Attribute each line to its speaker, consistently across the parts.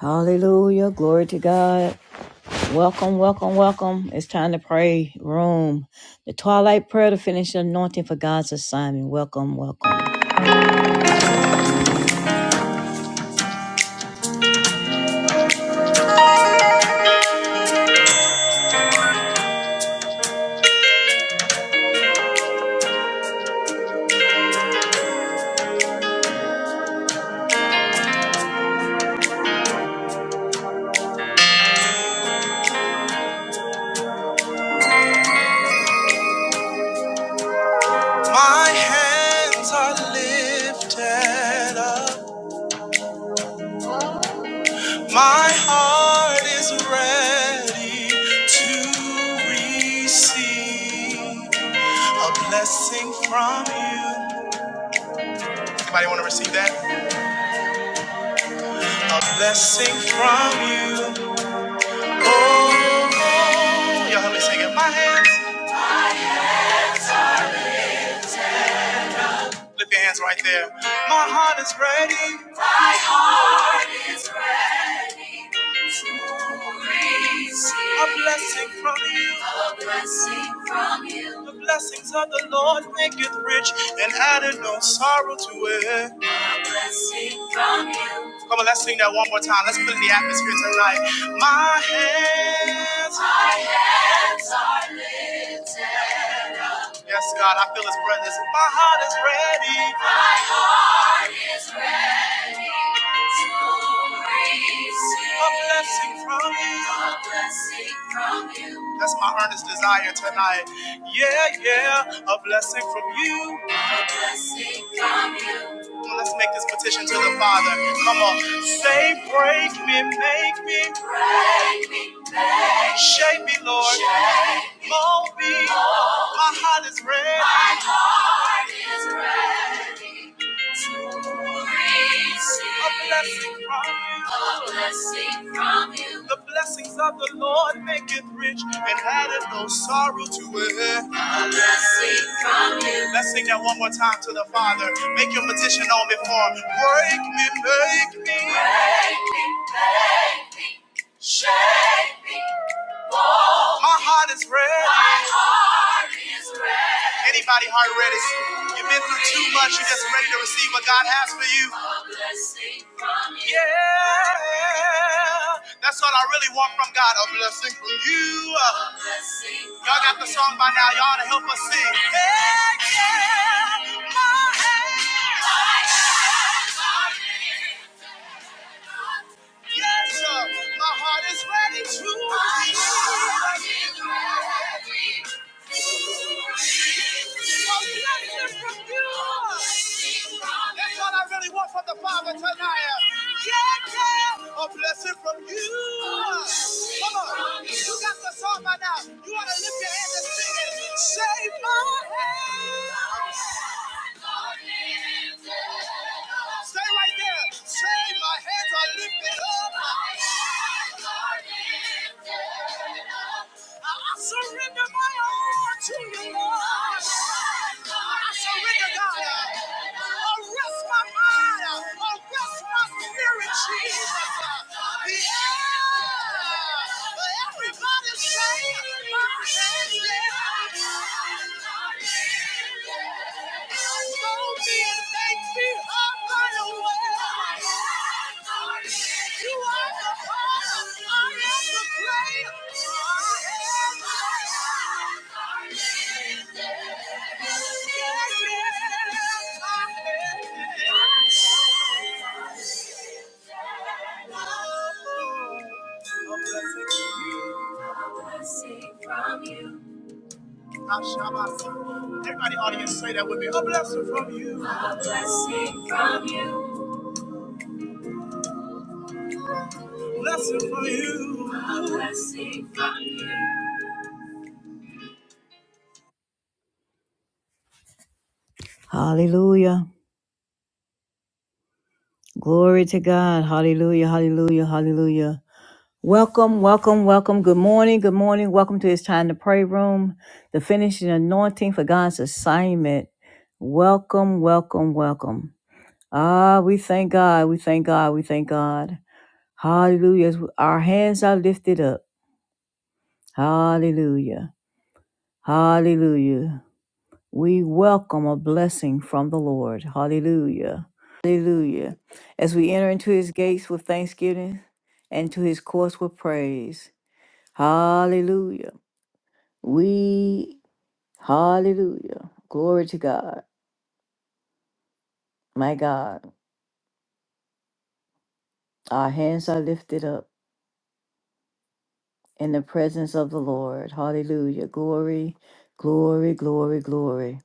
Speaker 1: Hallelujah. Glory to God. Welcome, welcome, welcome. It's time to pray. Room. The twilight prayer to finish the anointing for God's assignment. Welcome, welcome. My hands are lifted up. My heart is ready to receive a blessing from you. Anybody want to receive that? A blessing from you. Oh, oh, y'all help me sing in My hands. Lift your hands right there. My heart is ready. My heart is ready to receive a blessing from you. A blessing from you. The blessings of the Lord make it rich and added no sorrow to it. A blessing from you. Come on, let's sing that one more time. Let's put in the atmosphere tonight. My hands, my hands are lifted up. Yes, God, I feel his presence. My heart is ready. My heart is ready to receive a blessing from you. A blessing from you. That's my earnest desire tonight. Yeah, yeah, a blessing from you. A blessing from you. Let's make this petition to the Father. Come on. Say, break me, make me. Break me, make Shape me, Lord. Shape me. Mold me. Mold My heart is ready. My heart is ready to receive. A blessing from you. A blessing from you. The blessings of the Lord make it rich and addeth no sorrow to it. A blessing from you. Let's sing that one more time to the Father. Make your petition known before. Break me, make me. Break me, make me. Shake me. My heart is ready. My heart is ready. Anybody heart ready? You've been through too much. You're just ready to receive what God has for you. Yeah. That's what I really want from God. A blessing from you. Y'all got the song by now. Y'all ought to help us sing. Yeah, yeah. My hands. My hands are ready. Yes, sir. My heart is ready to receive. My heart from you That's what I really want from the Father tonight. Yeah, yeah. A blessing from you. Come on. You got the song by now. You want to lift your hands and sing it. Save my hands. Stay right there. Save my hands are lifted up. I surrender my all to you, Lord. I surrender, God. Arrest my mind. Arrest my spirit, Jesus. Yeah. Everybody save my hands. Oh, blessed be from you. Everybody, audience, say that with me. A blessing from you. A blessing from you. Blessing from you. Hallelujah. Glory to God. Hallelujah. Hallelujah. Hallelujah. Welcome, welcome, welcome. Good morning. Good morning. Welcome to It's Time to Pray Room, the finishing anointing for God's assignment. Welcome, welcome, welcome. Ah, we thank God. We thank God. We thank God. Hallelujah. As Our hands are lifted up. Hallelujah. Hallelujah. We welcome a blessing from the Lord. Hallelujah. Hallelujah. As we enter into his gates with thanksgiving and to his courts with praise. Hallelujah. We, hallelujah. Glory to God. My God, our hands are lifted up in the presence of the Lord. Hallelujah. Glory, glory, glory, glory.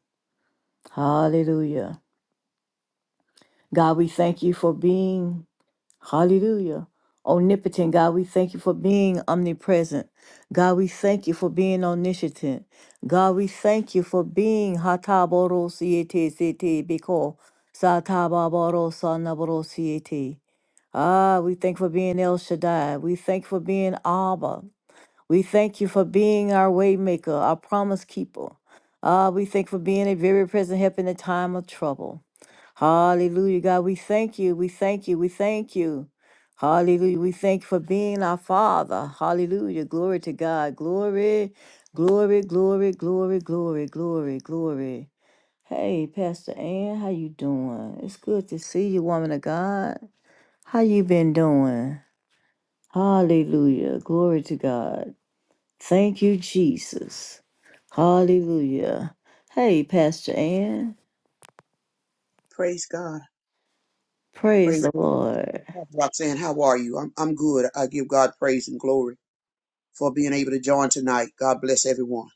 Speaker 1: Hallelujah. God, we thank you for being, hallelujah, omnipotent. God, we thank you for being omnipresent. God, we thank you for being omniscient. God, we thank you for being hataboro siete siete biko satababoro sanaboro siete. Ah, we thank you for being El Shaddai. We thank you for being Abba. We thank you for being our waymaker, our promise keeper. Ah, we thank you for being a very present help in the time of trouble. Hallelujah, God. We thank you. We thank you. We thank you. Hallelujah. We thank you for being our Father. Hallelujah. Glory to God. Glory, glory, glory, glory, glory, glory, glory. Hey, Pastor Ann, how you doing? It's good to see you, woman of God. How you been doing? Hallelujah. Glory to God. Thank you, Jesus. Hallelujah. Hey, Pastor Ann.
Speaker 2: Praise God.
Speaker 1: Praise
Speaker 2: Praise
Speaker 1: the
Speaker 2: God.
Speaker 1: Lord.
Speaker 2: Pastor Roxanne, how are you? I'm, I'm good. I give God praise and glory for being able to join tonight. God bless everyone.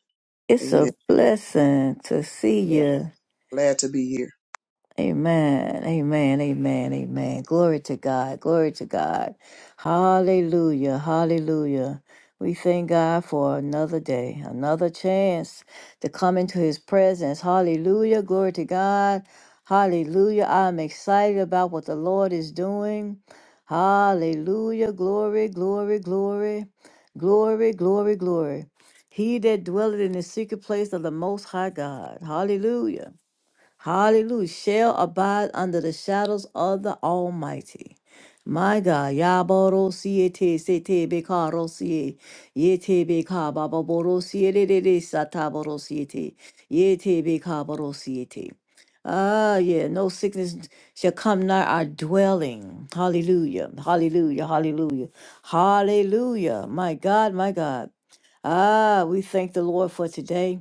Speaker 1: It's a
Speaker 2: Amen.
Speaker 1: blessing to see
Speaker 2: Yeah.
Speaker 1: you.
Speaker 2: Glad to be here.
Speaker 1: Amen. Amen. Amen. Amen. Glory to God. Glory to God. Hallelujah. Hallelujah. We thank God for another day, another chance to come into his presence. Hallelujah. Glory to God. Hallelujah. I'm excited about what the Lord is doing. Hallelujah. Glory, glory, glory. Glory, glory, glory. He that dwelleth in the secret place of the most high God. Hallelujah. Hallelujah. Shall abide under the shadows of the Almighty. My God, Yaborosie te sete bekarosie, yete beka bababorosie de de de sataborosie te, yete bekabarosie te. Ah, yeah, no sickness shall come nigh our dwelling. Hallelujah, hallelujah, hallelujah, hallelujah. My God, my God. Ah, we thank the Lord for today.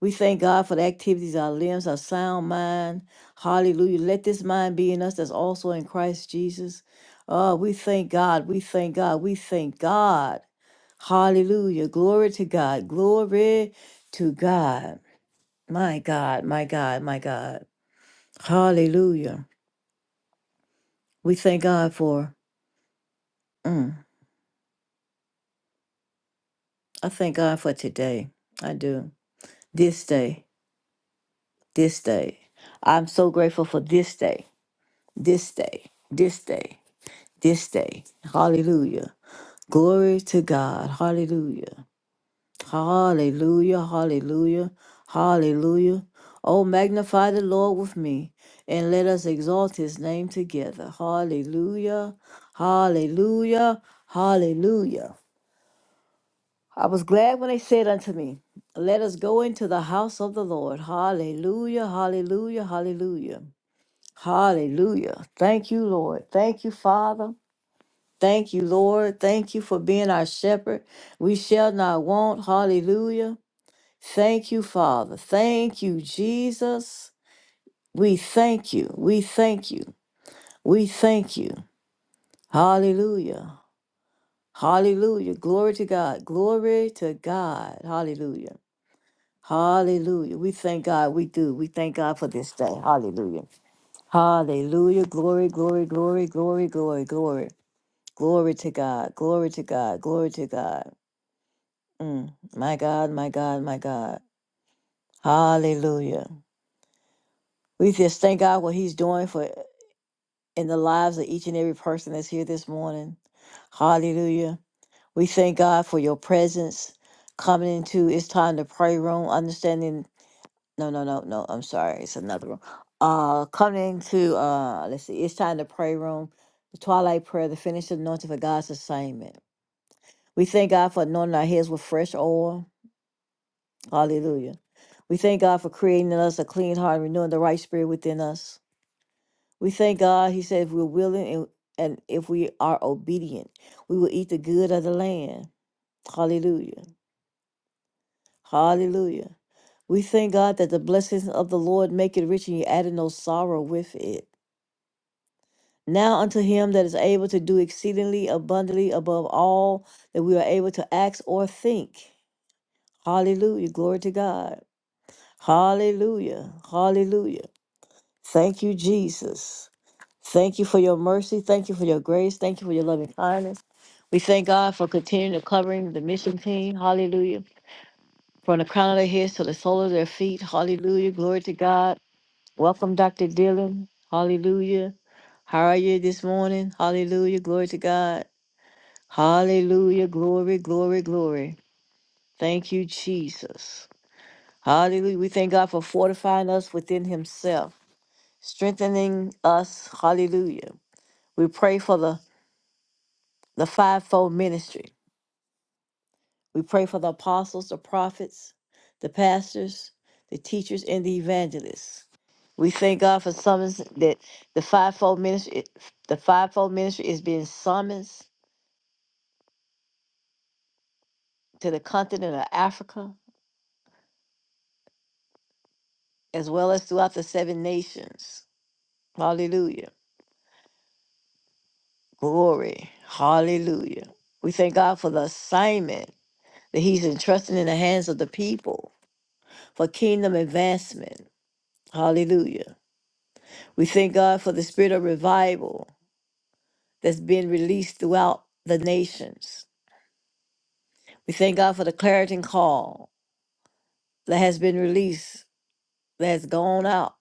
Speaker 1: We thank God for the activities, of our limbs, our sound mind. Hallelujah. Let this mind be in us that's also in Christ Jesus. Oh, we thank God. We thank God. We thank God. Hallelujah. Glory to God. Glory to God. My God, my God, my God. Hallelujah. We thank God for, mm, I thank God for today. I do. This day, this day. I'm so grateful for this day, this day, this day. this day. Hallelujah. Glory to God. Hallelujah. Hallelujah. Hallelujah. Hallelujah. Oh, magnify the Lord with me and let us exalt his name together. Hallelujah. Hallelujah. Hallelujah. I was glad when they said unto me, Let us go into the house of the Lord. Hallelujah. Hallelujah. Hallelujah. Hallelujah. Thank you, Lord. Thank you, Father. Thank you, Lord. Thank you for being our shepherd. We shall not want. Hallelujah. Thank you, Father. Thank you, Jesus. We thank you. We thank you. We thank you. Hallelujah. Hallelujah. Glory to God. Glory to God. Hallelujah. Hallelujah. We thank God. We do. We thank God for this day. Hallelujah. Hallelujah. Glory, glory, glory, glory, glory, glory. Glory to God. Glory to God. Glory to God. Mm, my God, my God, my God. Hallelujah. We just thank God what He's doing for in the lives of each and every person that's here this morning. Hallelujah. We thank God for your presence coming into it's time to pray room, understanding no no no no, I'm sorry, it's another room. Uh coming into uh let's see, it's time to pray room, the twilight prayer, the finished anointing for God's assignment. We thank God for anointing our heads with fresh oil. Hallelujah. We thank God for creating in us a clean heart and renewing the right spirit within us. We thank God, He said, if we're willing and, and if we are obedient, we will eat the good of the land. Hallelujah. Hallelujah. We thank God that the blessings of the Lord make it rich and you added no sorrow with it. Now unto him that is able to do exceedingly abundantly above all that we are able to ask or think. Hallelujah. Glory to God. Hallelujah. Hallelujah. Thank you, Jesus. Thank you for your mercy. Thank you for your grace. Thank you for your loving kindness. We thank God for continuing to covering the mission team. Hallelujah. From the crown of their heads to the sole of their feet. Hallelujah. Glory to God. Welcome, Dr. Dillon. Hallelujah. How are you this morning? Hallelujah. Glory to God. Hallelujah. Glory, glory, glory. Thank you, Jesus. Hallelujah. We thank God for fortifying us within Himself, strengthening us. Hallelujah We pray for the, the fivefold ministry. We pray for the apostles, the prophets, the pastors, the teachers, and the evangelists. We thank God for summons that the fivefold ministry the fivefold ministry is being summoned to the continent of Africa as well as throughout the seven nations. Hallelujah. Glory. Hallelujah. We thank God for the assignment that He's entrusting in the hands of the people for kingdom advancement. Hallelujah. We thank God for the spirit of revival that's been released throughout the nations. We thank God for the clarion call that has been released, that has gone out.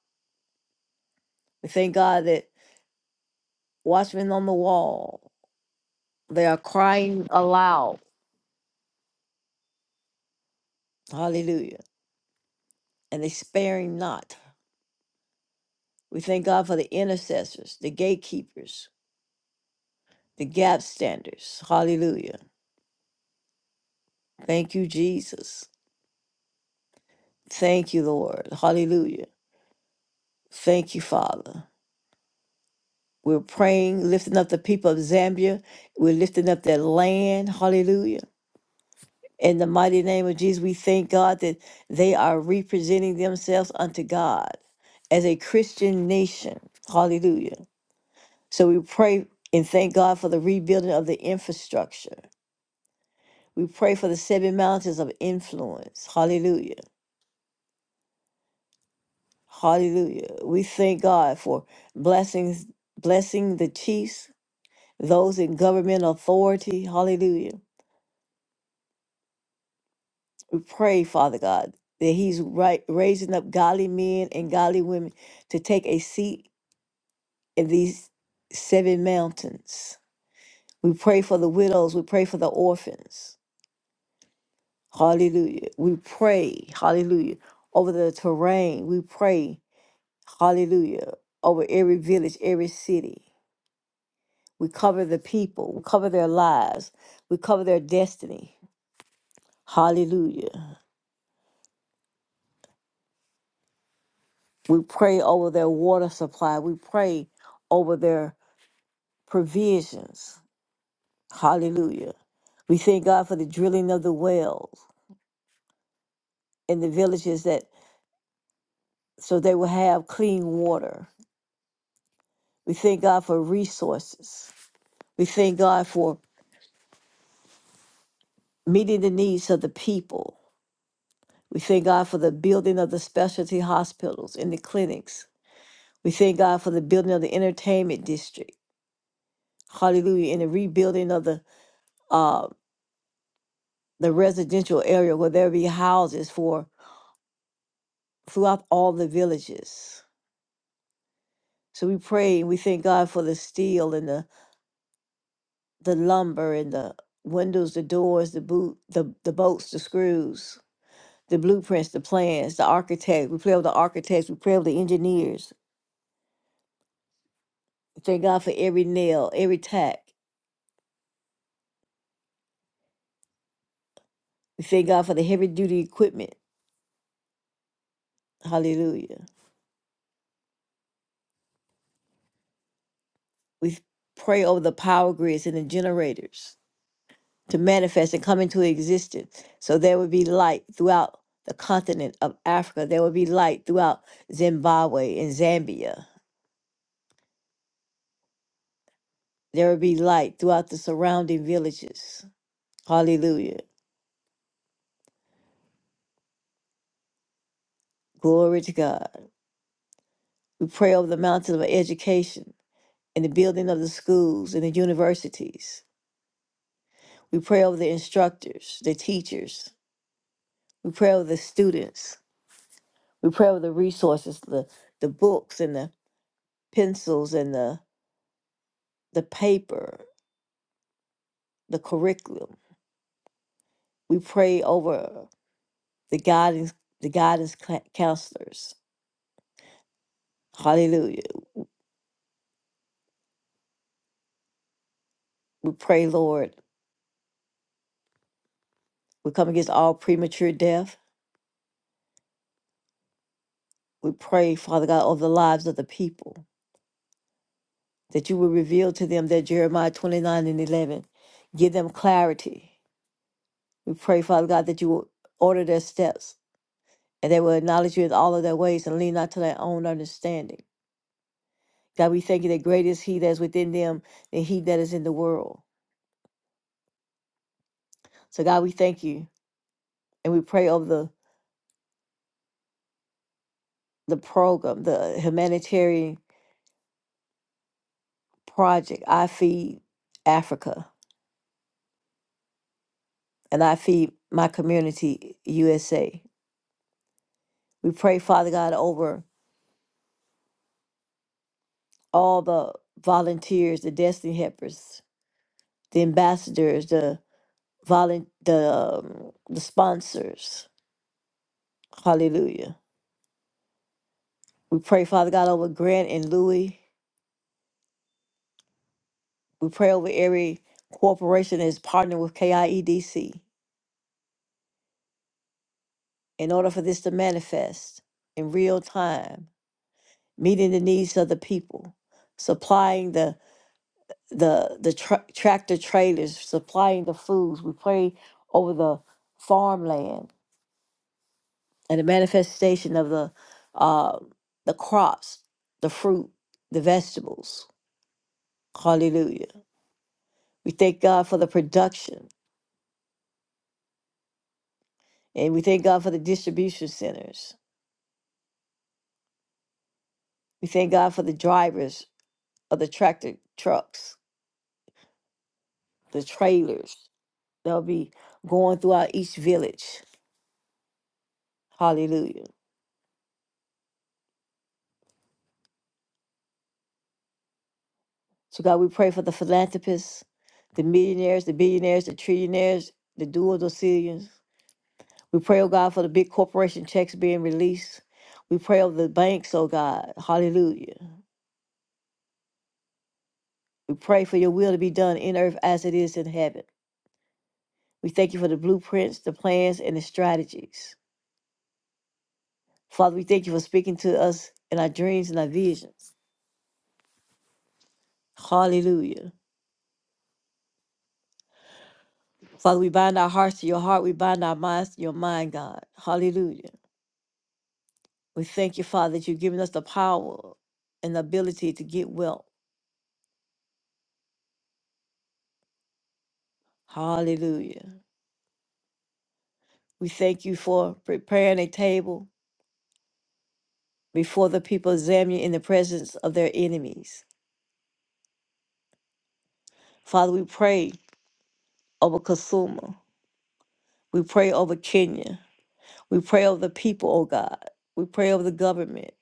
Speaker 1: We thank God that watchmen on the wall, they are crying aloud, hallelujah, and they sparing not. We thank God for the intercessors, the gatekeepers, the gap standers, hallelujah. Thank you, Jesus. Thank you, Lord, hallelujah. Thank you, Father. We're praying, lifting up the people of Zambia. We're lifting up their land. Hallelujah. In the mighty name of Jesus, we thank God that they are representing themselves unto God as a Christian nation. Hallelujah. So we pray and thank God for the rebuilding of the infrastructure. We pray for the seven mountains of influence. Hallelujah. Hallelujah. We thank God for blessings, blessing the chiefs, those in government authority. Hallelujah pray, Father God, that He's right, raising up godly men and godly women to take a seat in these seven mountains. We pray for the widows. We pray for the orphans. Hallelujah. We pray, hallelujah, over the terrain. We pray, hallelujah, over every village, every city. We cover the people. We cover their lives. We cover their destiny. Hallelujah. We pray over their water supply. We pray over their provisions. Hallelujah. We thank God for the drilling of the wells in the villages that so they will have clean water. We thank God for resources. We thank God for meeting the needs of the people. We thank God for the building of the specialty hospitals and the clinics. We thank God for the building of the entertainment district. Hallelujah. And the rebuilding of the uh the residential area where there be houses for throughout all the villages. So we pray and we thank God for the steel and the, the lumber and the windows, the doors, the boot, the, the bolts, the screws, the blueprints, the plans, the architect. We pray over the architects. We pray over the engineers. We thank God for every nail, every tack. We thank God for the heavy duty equipment. Hallelujah. We pray over the power grids and the generators to manifest and come into existence. So there would be light throughout the continent of Africa. There would be light throughout Zimbabwe and Zambia. There will be light throughout the surrounding villages. Hallelujah. Glory to God. We pray over the mountain of education and the building of the schools and the universities. We pray over the instructors, the teachers. We pray over the students. We pray over the resources, the, the books and the pencils and the, the paper, the curriculum. We pray over the guidance, the guidance cla- counselors. Hallelujah. We pray, Lord, We come against all premature death. We pray, Father God, over the lives of the people, that you will reveal to them that Jeremiah 29 and 11. Give them clarity. We pray, Father God, that you will order their steps and they will acknowledge you in all of their ways and lean not to their own understanding. God, we thank you that greater is He that is within them than He that is in the world. So, God, we thank you and we pray over the, the program, the humanitarian project, I Feed Africa. and I feed my community USA. We pray, Father God, over all the volunteers, the destiny helpers, the ambassadors, the volun- the um, the sponsors. Hallelujah. We pray, Father God, over Grant and Louis. We pray over every corporation that is partnered with KIEDC in order for this to manifest in real time, meeting the needs of the people, supplying the the the tra- tractor trailers supplying the foods. We pray over the farmland and the manifestation of the uh, the crops, the fruit, the vegetables. Hallelujah. We thank God for the production and we thank God for the distribution centers. We thank God for the drivers of the tractor trucks, the trailers that'll be going throughout each village. Hallelujah. So, God, we pray for the philanthropists, the millionaires, the billionaires, the trillionaires, the dual docillions. We pray, oh God, for the big corporation checks being released. We pray over the banks, oh God. Hallelujah. We pray for your will to be done in earth as it is in heaven. We thank you for the blueprints, the plans, and the strategies. Father, we thank you for speaking to us in our dreams and our visions. Hallelujah. Father, we bind our hearts to your heart. We bind our minds to your mind, God. Hallelujah. We thank you, Father, that you've given us the power and the ability to get well. Hallelujah. We thank you for preparing a table before the people of Zambia in the presence of their enemies. Father, we pray over Kasuma. We pray over Kenya. We pray over the people, oh God. We pray over the government.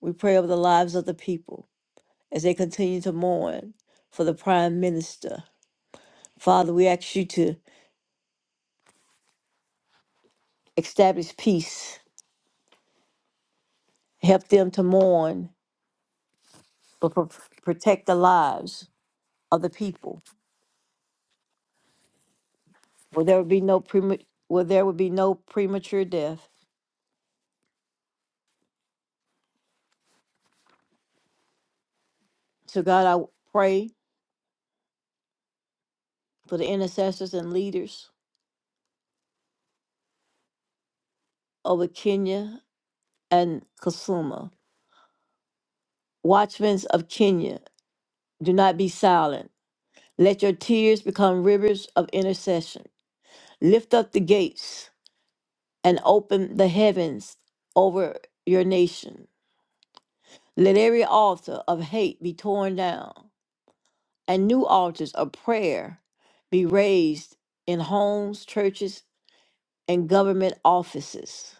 Speaker 1: We pray over the lives of the people as they continue to mourn for the prime minister. Father, we ask you to establish peace. Help them to mourn but pro- protect the lives of the people. Will there be no prema- will there would be no premature death. So God, I pray for the intercessors and leaders over Kenya and Kasuma. Watchmen of Kenya, do not be silent. Let your tears become rivers of intercession. Lift up the gates and open the heavens over your nation. Let every altar of hate be torn down. and new altars of prayer be raised in homes, churches, and government offices.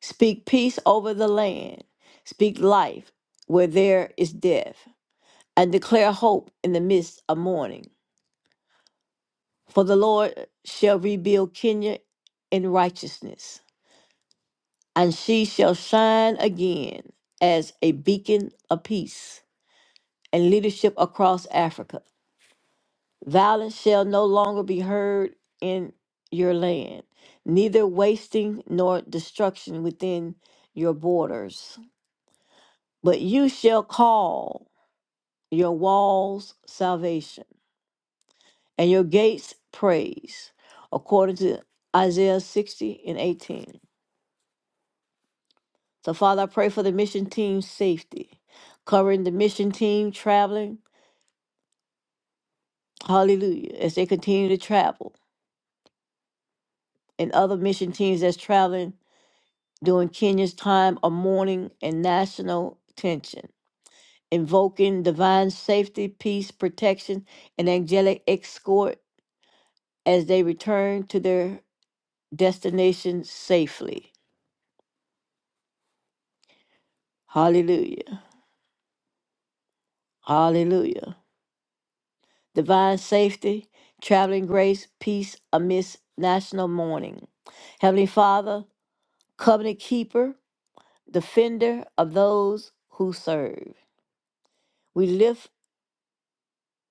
Speaker 1: Speak peace over the land. Speak life where there is death, and declare hope in the midst of mourning. For the Lord shall rebuild Kenya in righteousness, and she shall shine again as a beacon of peace and leadership across Africa. Violence shall no longer be heard in your land, neither wasting nor destruction within your borders. But you shall call your walls salvation and your gates praise, according to Isaiah 60 and 18. So, Father, I pray for the mission team's safety, covering the mission team traveling, hallelujah, as they continue to travel, and other mission teams that's traveling during Kenya's time of mourning and national tension, invoking divine safety, peace, protection, and angelic escort as they return to their destination safely. Hallelujah. Hallelujah. Divine safety, traveling grace, peace amidst national mourning. Heavenly Father, covenant keeper, defender of those who serve. We lift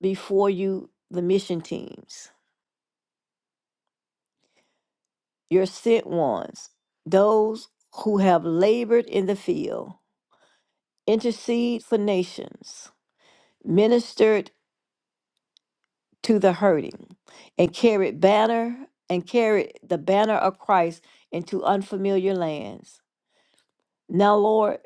Speaker 1: before you the mission teams your sent ones, those who have labored in the field, intercede for nations, ministered to the hurting, and carried banner and carried the banner of Christ into unfamiliar lands. Now, Lord,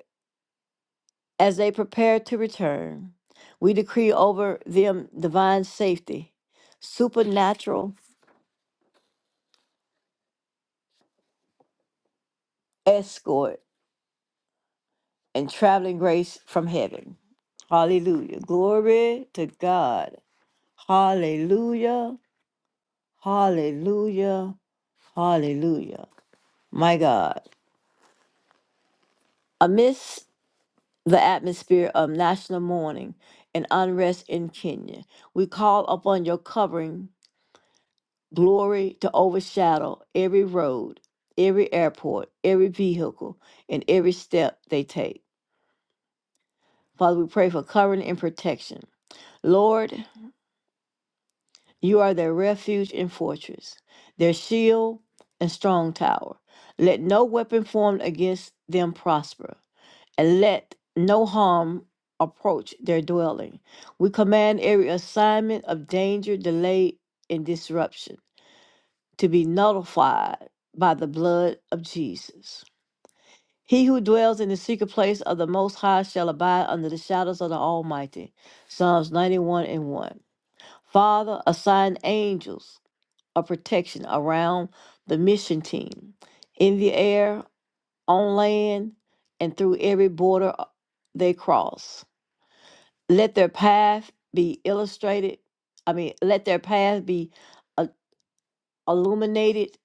Speaker 1: as they prepare to return, we decree over them divine safety, supernatural escort, and traveling grace from heaven. Hallelujah. Glory to God. Hallelujah. Hallelujah. Hallelujah. My God. Amidst the atmosphere of national mourning and unrest in Kenya, we call upon your covering glory to overshadow every road, every airport, every vehicle, and every step they take. Father, we pray for covering and protection. Lord, You are their refuge and fortress, their shield and strong tower. Let no weapon formed against them prosper, and let no harm approach their dwelling. We command every assignment of danger, delay, and disruption to be nullified by the blood of Jesus. He who dwells in the secret place of the Most High shall abide under the shadows of the Almighty. Psalms 91 and 1. Father, assign angels of protection around the mission team in the air, on land, and through every border uh, they cross. Let their path be illustrated, I mean, let their path be uh, illuminated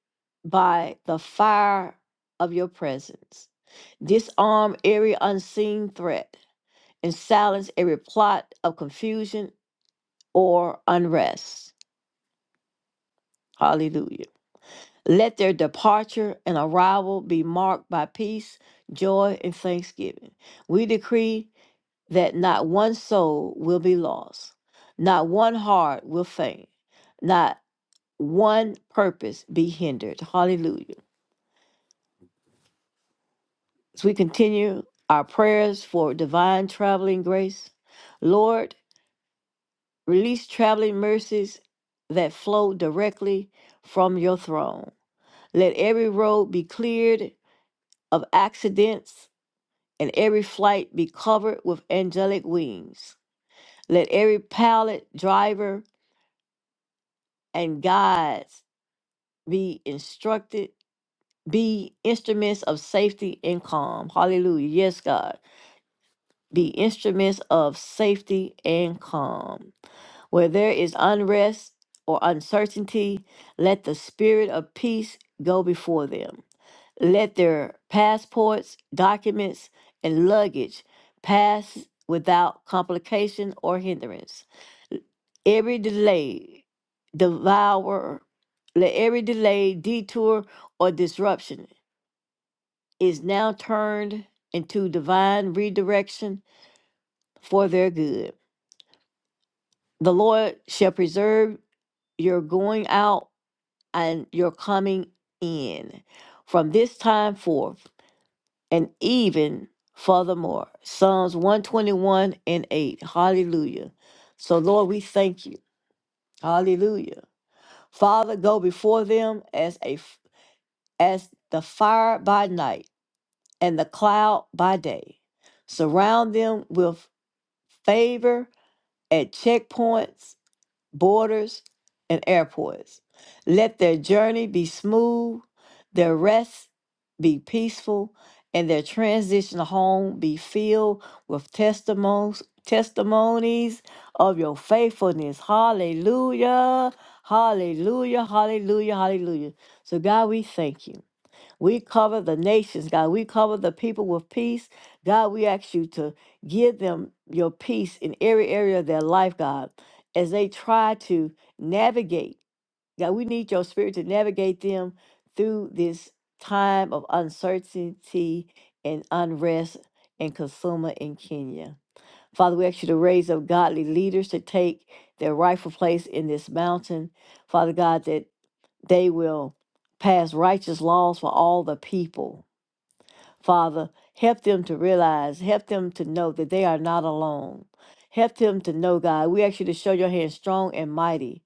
Speaker 1: by the fire of your presence. Disarm every unseen threat and silence every plot of confusion or unrest. Hallelujah. Let their departure and arrival be marked by peace, joy, and thanksgiving. We decree that not one soul will be lost, not one heart will faint, not one purpose be hindered. Hallelujah. As we continue our prayers for divine traveling grace, Lord, release traveling mercies that flow directly from your throne. Let every road be cleared of accidents and every flight be covered with angelic wings. Let every pilot, driver, and guides be instructed, be instruments of safety and calm. Hallelujah. Yes, God. Be instruments of safety and calm. Where there is unrest or uncertainty, let the spirit of peace go before them. let their passports, documents, and luggage pass without complication or hindrance. Every delay, devour, let every delay, detour, or disruption is now turned into divine redirection for their good. The Lord shall preserve your going out and your coming in from this time forth and even furthermore. Psalms 121 and 8. Hallelujah. So, Lord, we thank you. Hallelujah. Father, go before them as a as the fire by night and the cloud by day. Surround them with favor at checkpoints borders, and airports. Let their journey be smooth, their rest be peaceful, and their transition home be filled with testimonies, testimonies of your faithfulness. Hallelujah. Hallelujah. Hallelujah. Hallelujah. So God, we thank you. We cover the nations, God. We cover the people with peace. God, we ask you to give them your peace in every area of their life, God, as they try to navigate. God, we need your spirit to navigate them through this time of uncertainty and unrest and consumer in Kenya. Father, we ask you to raise up godly leaders to take their rightful place in this mountain. Father God, that they will pass righteous laws for all the people. Father, help them to realize, help them to know that they are not alone. Help them to know, God, we ask you to show your hand strong and mighty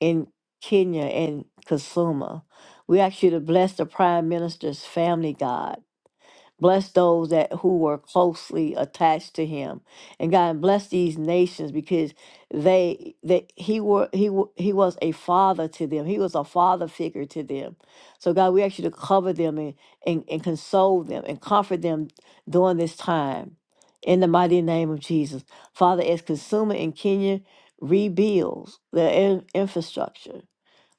Speaker 1: in Kenya and Kasuma. We ask you to bless the prime minister's family, God. Bless those that who were closely attached to him, and God and bless these nations because they that he were he wa- he was a father to them. He was a father figure to them. So God, we ask you to cover them and and, and console them and comfort them during this time. In the mighty name of Jesus, Father, as consumer in Kenya rebuilds their in- infrastructure,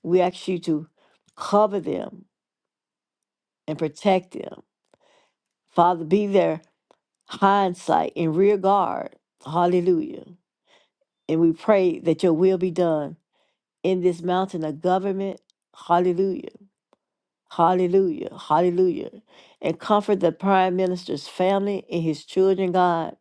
Speaker 1: we ask you to cover them and protect them. Father, be there hindsight and rear guard. Hallelujah. And we pray that your will be done in this mountain of government. Hallelujah. Hallelujah. Hallelujah. And comfort the prime minister's family and his children, God.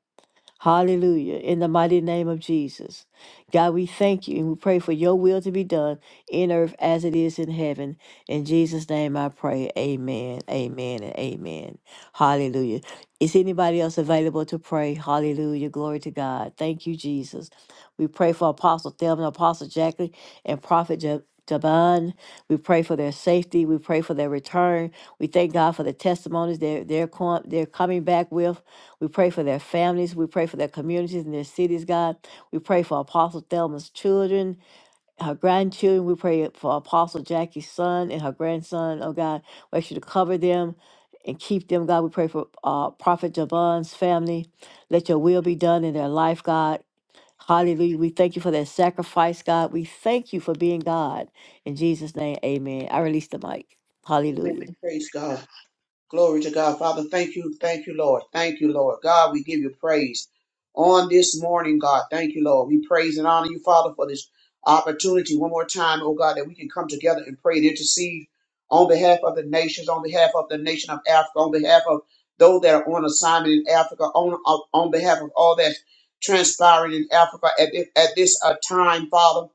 Speaker 1: Hallelujah. In the mighty name of Jesus. God, we thank you and we pray for your will to be done in earth as it is in heaven. In Jesus' name I pray. Amen. Amen and amen. Hallelujah. Is anybody else available to pray? Hallelujah. Glory to God. Thank you, Jesus. We pray for Apostle Thelma, Apostle Jacqueline, and Prophet Ja- Jaban. We pray for their safety. We pray for their return. We thank God for the testimonies they're, they're, com- they're coming back with. We pray for their families. We pray for their communities and their cities, God. We pray for Apostle Thelma's children, her grandchildren. We pray for Apostle Jackie's son and her grandson, oh God. We ask you to cover them and keep them, God. We pray for uh, Prophet Jabon's family. Let your will be done in their life, God. Hallelujah. We thank you for their sacrifice, God. We thank you for being God. In Jesus' name, amen. I release the mic. Hallelujah.
Speaker 2: Amen. Praise God. Glory to God. Father, thank you. Thank you, Lord. Thank you, Lord. God, we give you praise on this morning, God. Thank you, Lord. We praise and honor you, Father, for this opportunity one more time, oh God, that we can come together and pray and intercede on behalf of the nations, on behalf of the nation of Africa, on behalf of those that are on assignment in Africa, on, on on behalf of all that's transpiring in Africa at this, at this uh, time, Father,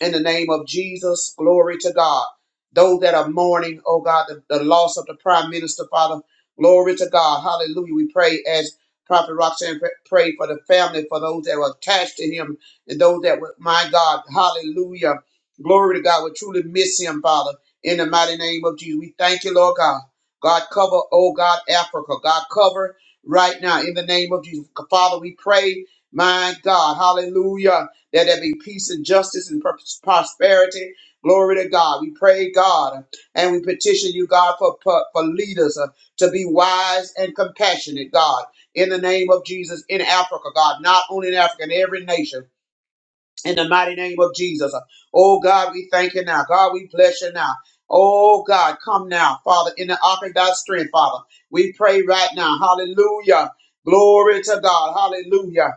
Speaker 2: in the name of Jesus. Glory to God. Those that are mourning, oh God, the, the loss of the prime minister, Father. Glory to God. Hallelujah. We pray as Prophet Roxanne pr- prayed for the family, for those that were attached to him, and those that were, my God, hallelujah. Glory to God. We truly miss him, Father, in the mighty name of Jesus. We thank you, Lord God. God, cover, oh God, Africa. God, cover right now in the name of Jesus. Father, we pray, my God, hallelujah, that there be peace and justice and pros- prosperity Glory to God. We pray, God, and we petition you, God, for, for, for leaders uh, to be wise and compassionate, God, in the name of Jesus, in Africa, God, not only in Africa, in every nation, in the mighty name of Jesus. Uh, Oh, God, we thank you now. God, we bless you now. Oh, God, come now, Father, in the ark of thy strength, Father. We pray right now. Hallelujah. Glory to God. Hallelujah.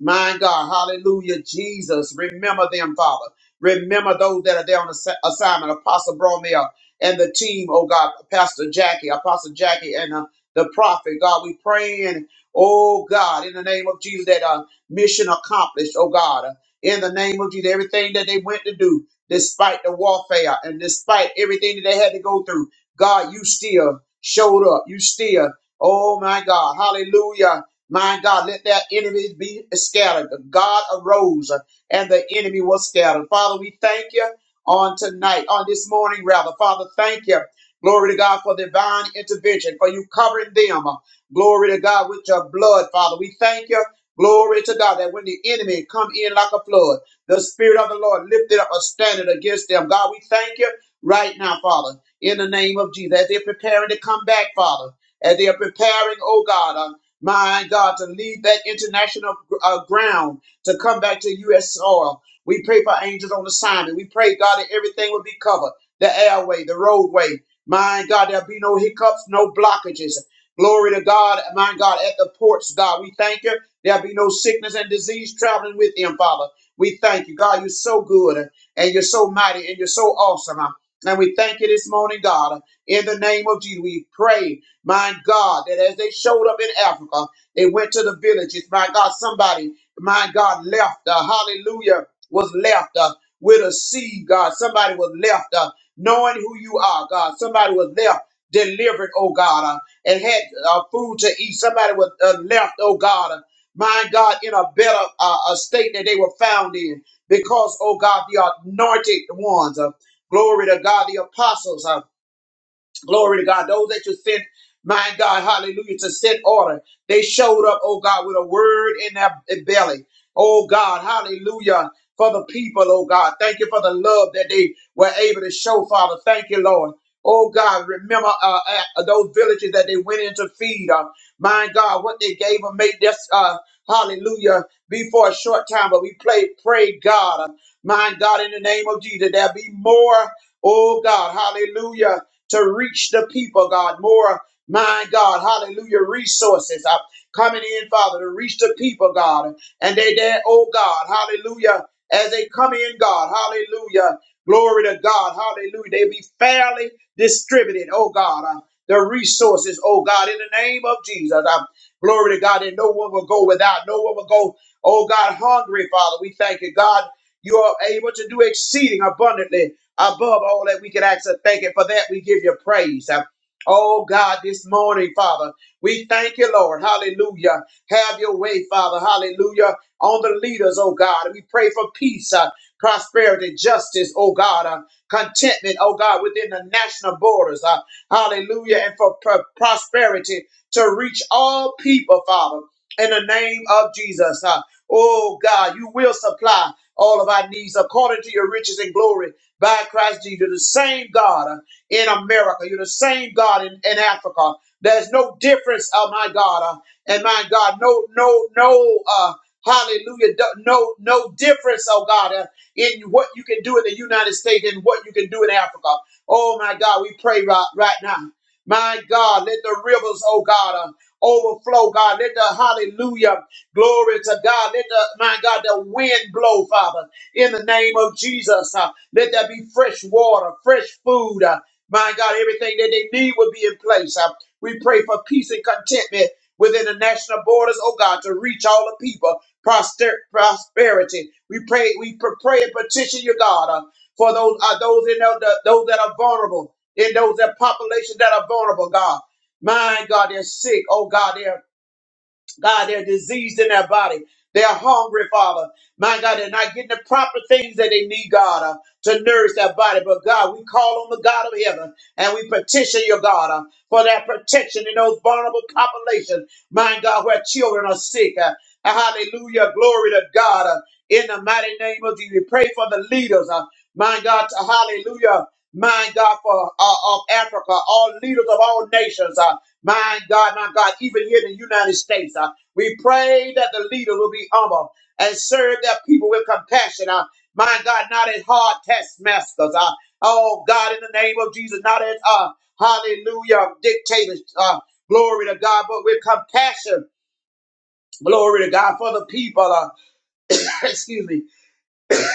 Speaker 2: My God, hallelujah, Jesus. Remember them, Father. Remember those that are there on assi- assignment, Apostle Bromel and the team, oh God, Pastor Jackie, Apostle Jackie and uh, the prophet. God, we praying, oh God, in the name of Jesus, that uh, mission accomplished, oh God. Uh, in the name of Jesus, everything that they went to do, despite the warfare and despite everything that they had to go through, God, you still showed up. You still, oh my God, hallelujah my God, let their enemies be scattered. God arose and the enemy was scattered. Father, we thank you on tonight, on this morning, rather. Father, thank you. Glory to God for divine intervention, for you covering them. Glory to God with your blood, Father. We thank you. Glory to God that when the enemy come in like a flood, the Spirit of the Lord lifted up a standard against them. God, we thank you right now, Father, in the name of Jesus. As they're preparing to come back, Father, as they are preparing, oh God. uh, my God, to leave that international uh, ground to come back to U.S. soil. We pray for angels on assignment. We pray, God, that everything will be covered the airway, the roadway. My God, there'll be no hiccups, no blockages. Glory to God, my God, at the ports, God. We thank you. There'll be no sickness and disease traveling with him, Father. We thank you, God. You're so good and you're so mighty and you're so awesome. And we thank you this morning, God. In the name of Jesus, we pray. My God, that as they showed up in Africa, they went to the villages. My God, somebody, my God, left. Uh, hallelujah, was left uh, with a seed, God. Somebody was left uh, knowing who you are, God. Somebody was left delivered, oh God, uh, and had uh, food to eat. Somebody was uh, left, oh God, uh, my God, in a better uh, a state that they were found in. Because, oh God, the anointed ones, uh, glory to God, the apostles. uh, Glory to God. Those that you sent, my God, hallelujah, to set order. They showed up, oh God, with a word in their belly. Oh God, hallelujah. For the people, oh God. Thank you for the love that they were able to show, Father. Thank you, Lord. Oh God, remember uh, uh, those villages that they went in to feed. Uh, my God, what they gave them made this, uh, hallelujah, be for a short time. But we pray, pray God, uh, my God, in the name of Jesus, there be more, oh God, hallelujah, to reach the people, God. More, my God, hallelujah, resources are coming in, Father, to reach the people, God. And they there, oh God, hallelujah, as they come in, God, hallelujah, glory to God, hallelujah. They be fairly distributed, oh God. uh, the resources, oh God, in the name of Jesus. Uh, glory to God, and no one will go without, no one will go, oh God, hungry, Father. We thank you, God. You are able to do exceeding abundantly above all that we can ask or thank it. For that we give you praise. Uh, Oh God, this morning, Father, we thank you, Lord. Hallelujah. Have your way, Father. Hallelujah. On the leaders, oh God. We pray for peace, uh, prosperity, justice, oh God, uh, contentment, oh God, within the national borders. Uh, hallelujah. And for pro- prosperity to reach all people, Father, in the name of Jesus. Uh, oh God, you will supply all of our needs according to your riches and glory by Christ Jesus. You're the same God uh, in America. You're the same God in, in Africa. There's no difference, oh my God, uh, and my God, no, no, no, uh, hallelujah, do- no, no difference, oh God, uh, in what you can do in the United States and what you can do in Africa. Oh my God, we pray right, right now. My God, let the rivers, oh God, uh, overflow, God. Let the hallelujah, glory to God. Let the, my God, the wind blow, Father in the name of Jesus. Uh, let there be fresh water, fresh food. Uh, my God, everything that they need will be in place. Uh, we pray for peace and contentment within the national borders, oh God, to reach all the people. Proster- prosperity. We pray, we pr- pray and petition your God uh, for those uh, those in the, the- those that are vulnerable, in those that population that are vulnerable, God. My God, they're sick. Oh God, they're. God, they're diseased in their body. They're hungry, Father. My God, they're not getting the proper things that they need, God, uh, to nourish their body. But God, we call on the God of heaven and we petition your God uh, for that protection in those vulnerable populations. My God, where children are sick. uh, hallelujah. Glory to God. uh, in the mighty name of Jesus, we pray for the leaders. Uh, my God, to hallelujah. My God, for uh, of Africa, all leaders of all nations. Uh, my God, my God, even here in the United States. Uh, we pray that the leader will be humble and serve their people with compassion. Uh, my God, not as hard taskmasters. Uh, oh, God, in the name of Jesus, not as, uh, hallelujah, dictators. Uh, glory to God, but with compassion. Glory to God for the people. Uh, excuse me.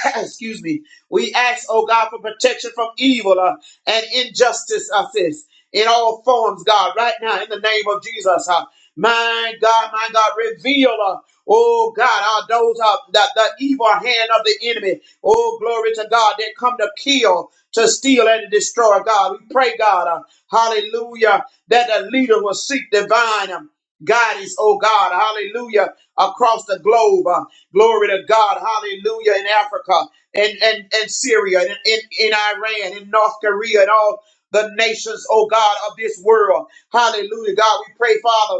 Speaker 2: excuse me. We ask, oh God, for protection from evil uh, and injustice, I says, in all forms, God, right now, in the name of Jesus. Uh, my God, my God, reveal, uh, oh God, are those uh, the, the evil hand of the enemy. Oh, glory to God, that come to kill, to steal, and to destroy, God. We pray, God, uh, hallelujah, that the leader will seek divine. um, God is, oh God, hallelujah, across the globe. Uh, glory to God, hallelujah, in Africa and and, and Syria and in, in Iran, in North Korea, and all the nations, oh God, of this world. Hallelujah. God, we pray, Father.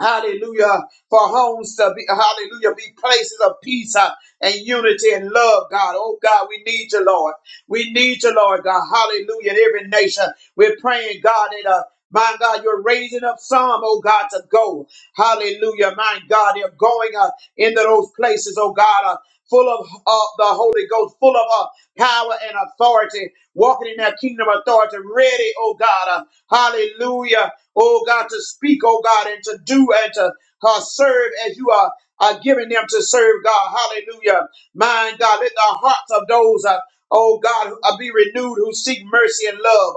Speaker 2: Hallelujah. For homes to be, hallelujah, be places of peace uh, and unity and love, God. Oh, God, we need you, Lord. We need you, Lord, God. Hallelujah. In every nation, we're praying, God, that, uh, my God, you're raising up some, oh God, to go. Hallelujah. My God, they're going uh, into those places, oh God, uh, full of uh, the Holy Ghost, full of uh, power and authority, walking in that kingdom authority, ready, oh God. uh, hallelujah oh God, to speak, oh God, and to do and to uh, serve as you are, are giving them to serve, God. Hallelujah. My God, let the hearts of those, uh, oh God, uh, be renewed who seek mercy and love.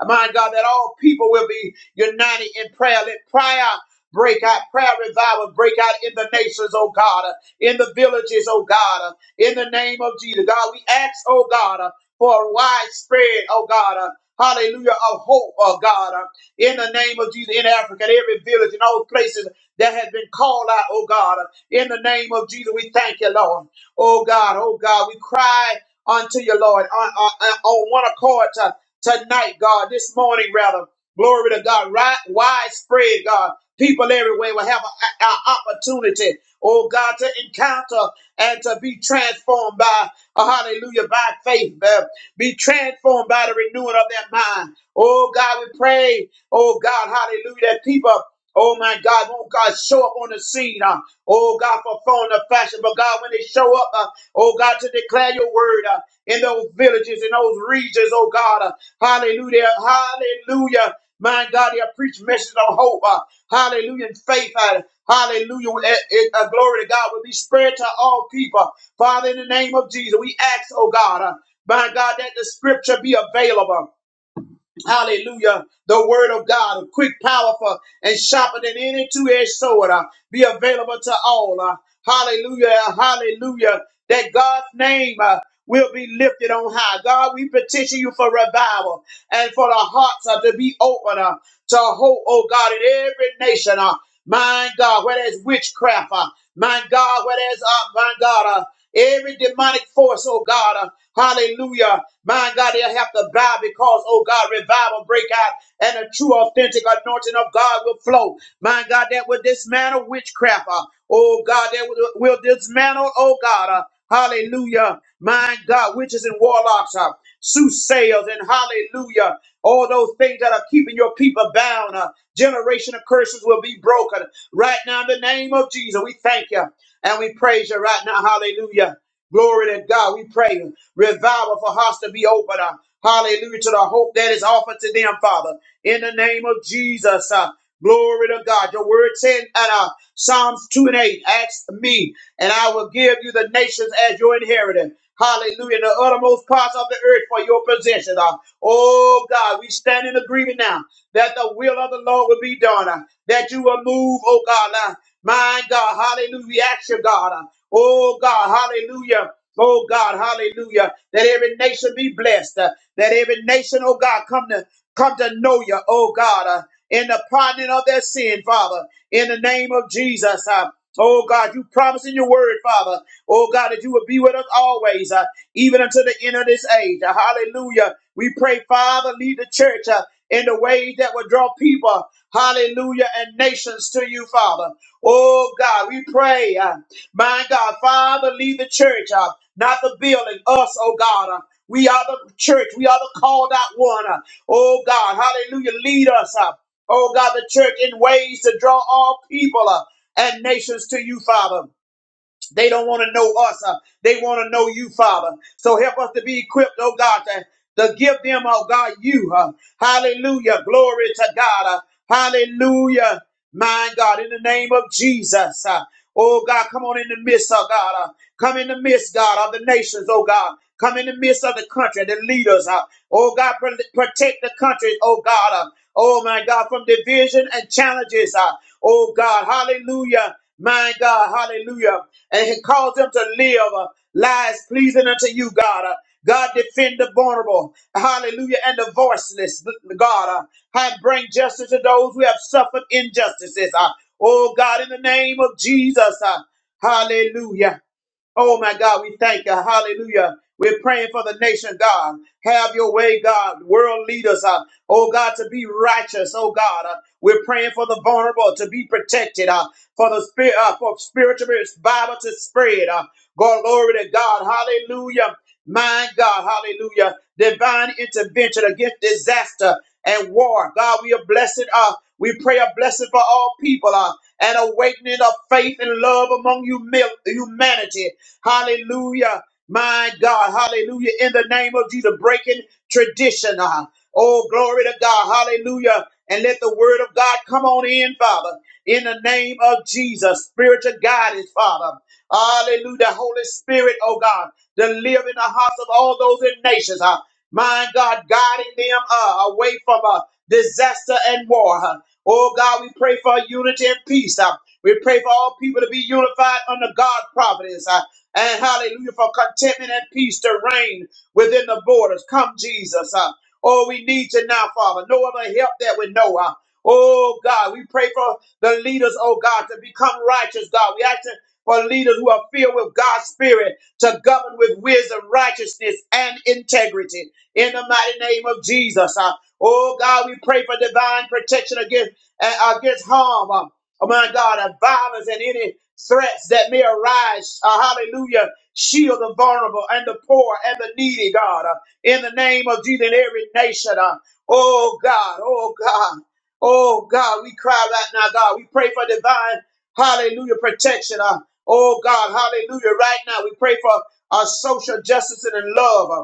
Speaker 2: Uh, my God, that all people will be united in prayer. Let prayer break out, prayer revival break out in the nations, oh God, uh, in the villages, oh God, uh, in the name of Jesus. God, we ask, oh God, uh, for a wide spread, oh God, uh, hallelujah, of hope, oh God. uh, in the name of Jesus in Africa, in every village, in all places that has been called out, oh God. In the name of Jesus, we thank you, Lord. Oh God, oh God, we cry unto you, Lord, on, on, on one accord to, tonight, God, this morning, rather. Glory to God, right, widespread, God. People everywhere will have an opportunity, oh God, to encounter and to be transformed by, uh, hallelujah, by faith, uh, be transformed by the renewing of their mind. Oh God, we pray Oh God, hallelujah. That people, oh my God, won't God show up on the scene. Uh, oh God, for phone of fashion. But God, when they show up, uh, oh God, to declare your word uh, in those villages, in those regions, oh God. uh, hallelujah. Hallelujah. My God, they preach message of hope. uh, hallelujah. And faith. uh, hallelujah. Uh, uh, glory to God will be spread to all people. Father, in the name of Jesus, we ask, oh God, uh, my God, that the scripture be available. Hallelujah. The word of God, quick, powerful, and sharper than any two-edged sword, uh, be available to all. uh, hallelujah. Hallelujah. That God's name uh, will be lifted on high. God, we petition you for revival and for the hearts uh, to be open uh, to hope, oh God, in every nation. Uh, my God, where there's witchcraft, uh, my God, where there's, uh, my God, uh, every demonic force, oh God, uh, hallelujah, my God, they'll have to bow because, oh God, revival break out and a true, authentic anointing of God will flow. My God, that will dismantle witchcraft. uh, Oh God, that will, will dismantle, oh God, uh, hallelujah. My God, witches and warlocks, uh, soothsayers, and hallelujah. All those things that are keeping your people bound. Uh, generation of curses will be broken. Right now, in the name of Jesus, we thank you and we praise you right now. Hallelujah. Glory to God. We pray. Revival for hearts to be open. uh, Hallelujah to the hope that is offered to them, Father. In the name of Jesus. uh, Glory to God. Your word said in uh, Psalms 2 and 8, ask me, and I will give you the nations as your inheritance. Hallelujah. The uttermost parts of the earth for your possession. Uh, oh God, we stand in agreement now that the will of the Lord will be done. uh, that you will move, oh God. Uh, my God, hallelujah. We ask you, God. uh, oh God, hallelujah. Oh God, hallelujah. That every nation be blessed. uh, that every nation, oh God, come to come to know you, oh God, uh, in the pardoning of their sin, Father, in the name of Jesus. uh, Oh God, you promise in your word, Father. Oh God, that you will be with us always, uh, even until the end of this age. Uh, hallelujah. We pray, Father, lead the church uh, in the ways that will draw people, hallelujah, and nations to you, Father. Oh God, we pray, uh, my God, Father, lead the church. Uh, not the building, us, oh God. Uh, We are the church. We are the called out one. Uh, Oh God, hallelujah. Lead us up. Oh God, the church in ways to draw all people uh, and nations to you, Father. They don't want to know us. uh, They want to know you, Father. So help us to be equipped, oh God, to, to give them, oh God, you. uh, Hallelujah. Glory to God. uh, Hallelujah. My God, in the name of Jesus. uh, Oh God, come on in the midst, oh God. Uh, Come in the midst, God, of the nations, oh God. Come in the midst of the country, the leaders, uh, oh God, pr- protect the country, oh God, uh, oh my God, from division and challenges, uh, oh God, hallelujah, my God, hallelujah, and He calls them to live uh, lives pleasing unto you, God. uh, God, defend the vulnerable, hallelujah, and the voiceless, God, uh, and bring justice to those who have suffered injustices, uh, oh God, in the name of Jesus, uh, hallelujah. Oh my God, we thank you. Hallelujah. We're praying for the nation, God. Have your way, God. World leaders, uh, oh God, to be righteous, oh God. Uh, we're praying for the vulnerable to be protected, uh, for the spirit, uh, for spiritual Bible to spread. Uh, God, glory to God. Hallelujah. My God, hallelujah. Divine intervention against disaster and war. God, we are blessed. Uh, we pray a blessing for all people uh, and awakening of faith and love among humi- humanity Hallelujah. My God. Hallelujah. In the name of Jesus, breaking tradition. uh, Oh, glory to God. Hallelujah. And let the word of God come on in, Father. In the name of Jesus, Spirit of God, is Father. Hallelujah. Holy Spirit, oh God, to live in the hearts of all those in nations. uh, my God, guiding them uh, away from uh, disaster and war. huh. Oh God, we pray for unity and peace. huh. We pray for all people to be unified under God's providence. Uh, and hallelujah for contentment and peace to reign within the borders. Come, Jesus. Uh, oh, we need you now, Father. No other help that we know. Uh, oh, God, we pray for the leaders, oh, God, to become righteous, God. We ask you for leaders who are filled with God's Spirit to govern with wisdom, righteousness, and integrity. In the mighty name of Jesus. Uh, oh, God, we pray for divine protection against, uh, against harm. Uh, Oh my God, of violence and any threats that may arise. Uh, hallelujah. Shield the vulnerable and the poor and the needy, God. Uh, in the name of Jesus, in every nation. Uh, oh, God. Oh, God. Oh, God. We cry right now, God. We pray for divine, hallelujah, protection. Uh, oh, God. Hallelujah. Right now, we pray for our social justice and in love. uh,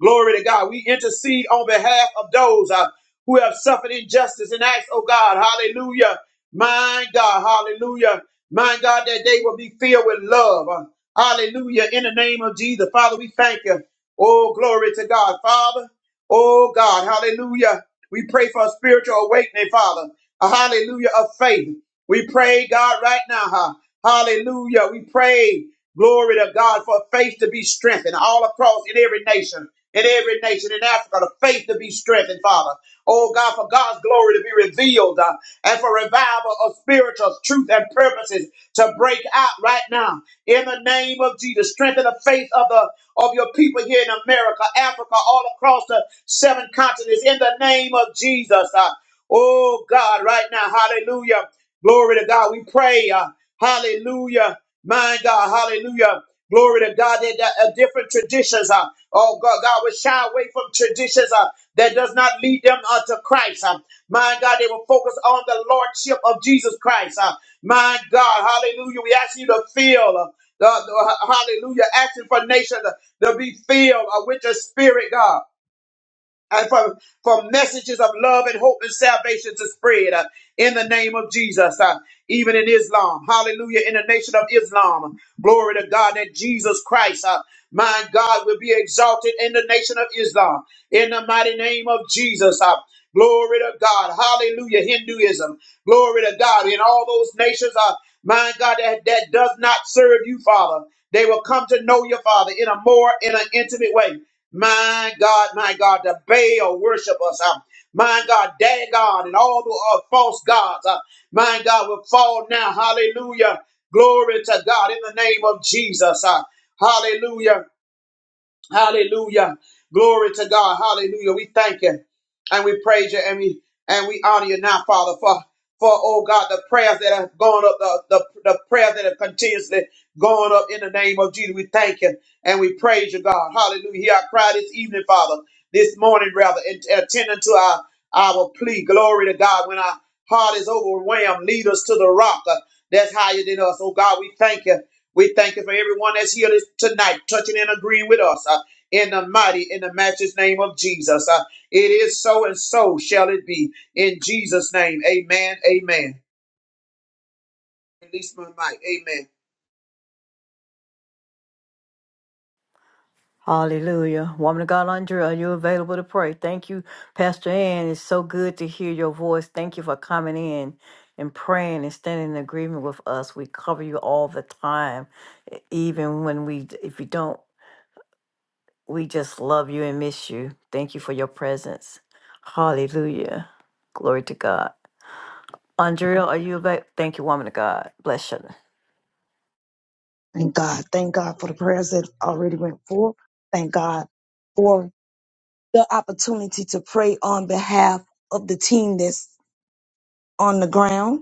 Speaker 2: Glory to God. We intercede on behalf of those uh, who have suffered injustice and ask, oh God. Hallelujah. My God. Hallelujah. My God, that they will be filled with love. Uh, hallelujah. In the name of Jesus. Father, we thank you. Oh, glory to God. Father, oh God. Hallelujah. We pray for a spiritual awakening, Father. A hallelujah of faith. We pray, God, right now. huh? Hallelujah. We pray, glory to God, for faith to be strengthened all across in every nation in every nation in Africa, the faith to be strengthened, Father. Oh God, for God's glory to be revealed uh, and for revival of spiritual truth and purposes to break out right now. In the name of Jesus, strengthen the faith of the of your people here in America, Africa, all across the seven continents. In the name of Jesus. uh, oh God, right now, hallelujah. Glory to God. We pray. uh, hallelujah. My God, hallelujah. Glory to God. There are different traditions. Uh, Oh God, God will shy away from traditions uh, that does not lead them unto Christ. Uh, my God, they will focus on the lordship of Jesus Christ. Uh, my God, hallelujah. We ask you to fill. Uh, the, the- hallelujah, asking for nations to, to be filled uh, with your spirit, God and for, for messages of love and hope and salvation to spread uh, in the name of Jesus, uh, even in Islam. Hallelujah. In the nation of Islam. Glory to God that Jesus Christ, uh, my God, will be exalted in the nation of Islam. In the mighty name of Jesus. Uh, glory to God. Hallelujah. Hinduism. Glory to God. In all those nations, uh, my God, that, that does not serve you, Father. They will come to know your Father in a more in an intimate way. My God, my God, the Baal worshipers, uh, my God, Dagon and all the uh, false gods, uh, my God, will fall now. Hallelujah. Glory to God in the name of Jesus. uh, hallelujah. Hallelujah. Glory to God. Hallelujah. We thank you and we praise you and we and we honor you now, Father, for for oh God, the prayers that have gone up, the, the, the prayers that have continuously gone up in the name of Jesus. We thank you and we praise you, God. Hallelujah. Hear our cry this evening, Father, this morning, rather, and and attending to our, our plea. Glory to God. When our heart is overwhelmed, lead us to the rock uh, that's higher than us. Oh God, we thank you. We thank you for everyone that's here this, tonight, touching and agreeing with us. uh, in the mighty, in the matchless name of Jesus. Uh, it is so and so shall it be. In Jesus' name, amen, amen. Release my mic, amen.
Speaker 1: Hallelujah. Woman of God, Andrea, are you available to pray? Thank you, Pastor Ann. It's so good to hear your voice. Thank you for coming in and praying and standing in agreement with us. We cover you all the time, e- even when we, if you don't, we just love you and miss you. Thank you for your presence. Hallelujah. Glory to God. Andrea, are you available? Thank you, woman of God. Bless you.
Speaker 3: Thank God. Thank God for the prayers that already went forth. Thank God for the opportunity to pray on behalf of the team that's on the ground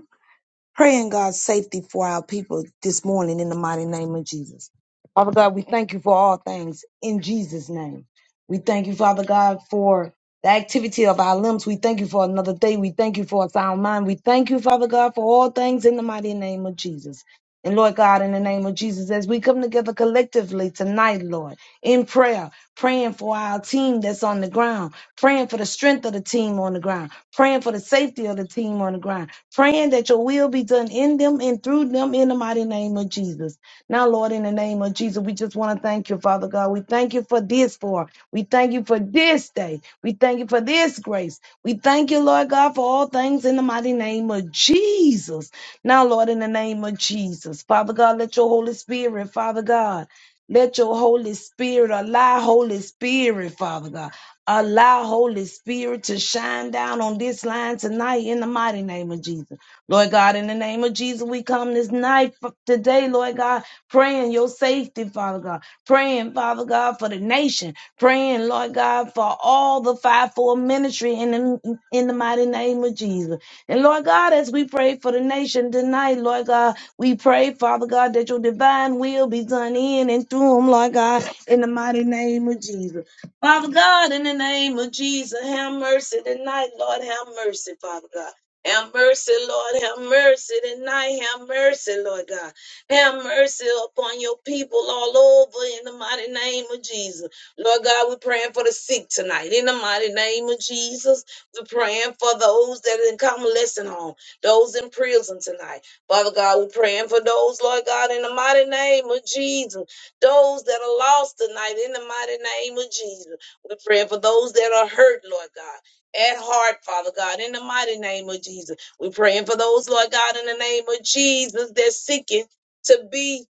Speaker 3: praying God's safety for our people this morning in the mighty name of Jesus. Father God, we thank you for all things in Jesus' name. We thank you, Father God, for the activity of our limbs. We thank you for another day. We thank you for a sound mind. We thank you, Father God, for all things in the mighty name of Jesus. And Lord God, in the name of Jesus, as we come together collectively tonight, Lord, in prayer, praying for our team that's on the ground, praying for the strength of the team on the ground, praying for the safety of the team on the ground, praying that your will be done in them and through them in the mighty name of Jesus. Now, Lord, in the name of Jesus, we just want to thank you, Father God. We thank you for this for. We thank you for this day. We thank you for this grace. We thank you, Lord God, for all things in the mighty name of Jesus. Now, Lord, in the name of Jesus, Father God, let your Holy Spirit, Father God, let your Holy Spirit allow Holy Spirit, Father God. Allow Holy Spirit to shine down on this line tonight in the mighty name of Jesus. Lord God, in the name of Jesus, we come this night f- today, Lord God, praying your safety, Father God. Praying, Father God, for the nation. Praying, Lord God, for all the five-four ministry in the, in the mighty name of Jesus. And Lord God, as we pray for the nation tonight, Lord God, we pray, Father God, that your divine will be done in and through them, Lord God, in the mighty name of Jesus. Father God, in the name of Jesus, have mercy tonight, Lord, have mercy, Father God. Have mercy, Lord, have mercy tonight. Have mercy, Lord God. Have mercy upon your people all over in the mighty name of Jesus. Lord God, we're praying for the sick tonight in the mighty name of Jesus. We're praying for those that are in convalescent home, those in prison tonight. Father God, we're praying for those, Lord God, in the mighty name of Jesus. Those that are lost tonight, in the mighty name of Jesus. We're praying for those that are hurt, Lord God. At heart, Father God, in the mighty name of Jesus. We're praying for those, Lord God, in the name of Jesus, that's seeking to be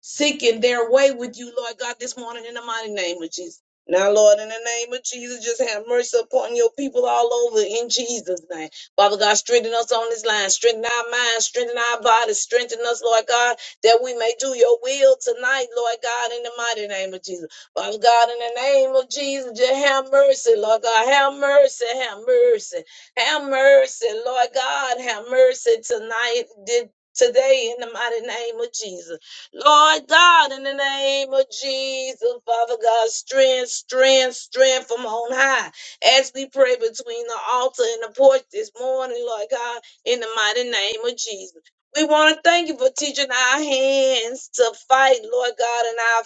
Speaker 3: seeking their way with you, Lord God, this morning in the mighty name of Jesus. Now, Lord, in the name of Jesus, just have mercy upon your people all over in Jesus' name. Father God, strengthen us on this line, strengthen our minds, strengthen our bodies, strengthen us, Lord God, that we may do your will tonight, Lord God, in the mighty name of Jesus. Father God, in the name of Jesus, just have mercy, Lord God, have mercy, have mercy, have mercy, Lord God, have mercy tonight. Did Today, in the mighty name of Jesus. Lord God, in the name of Jesus, Father God, strength, strength, strength from on high. As we pray between the altar and the porch this morning, Lord God, in the mighty name of Jesus. We want to thank you for teaching our hands to fight, Lord God, and our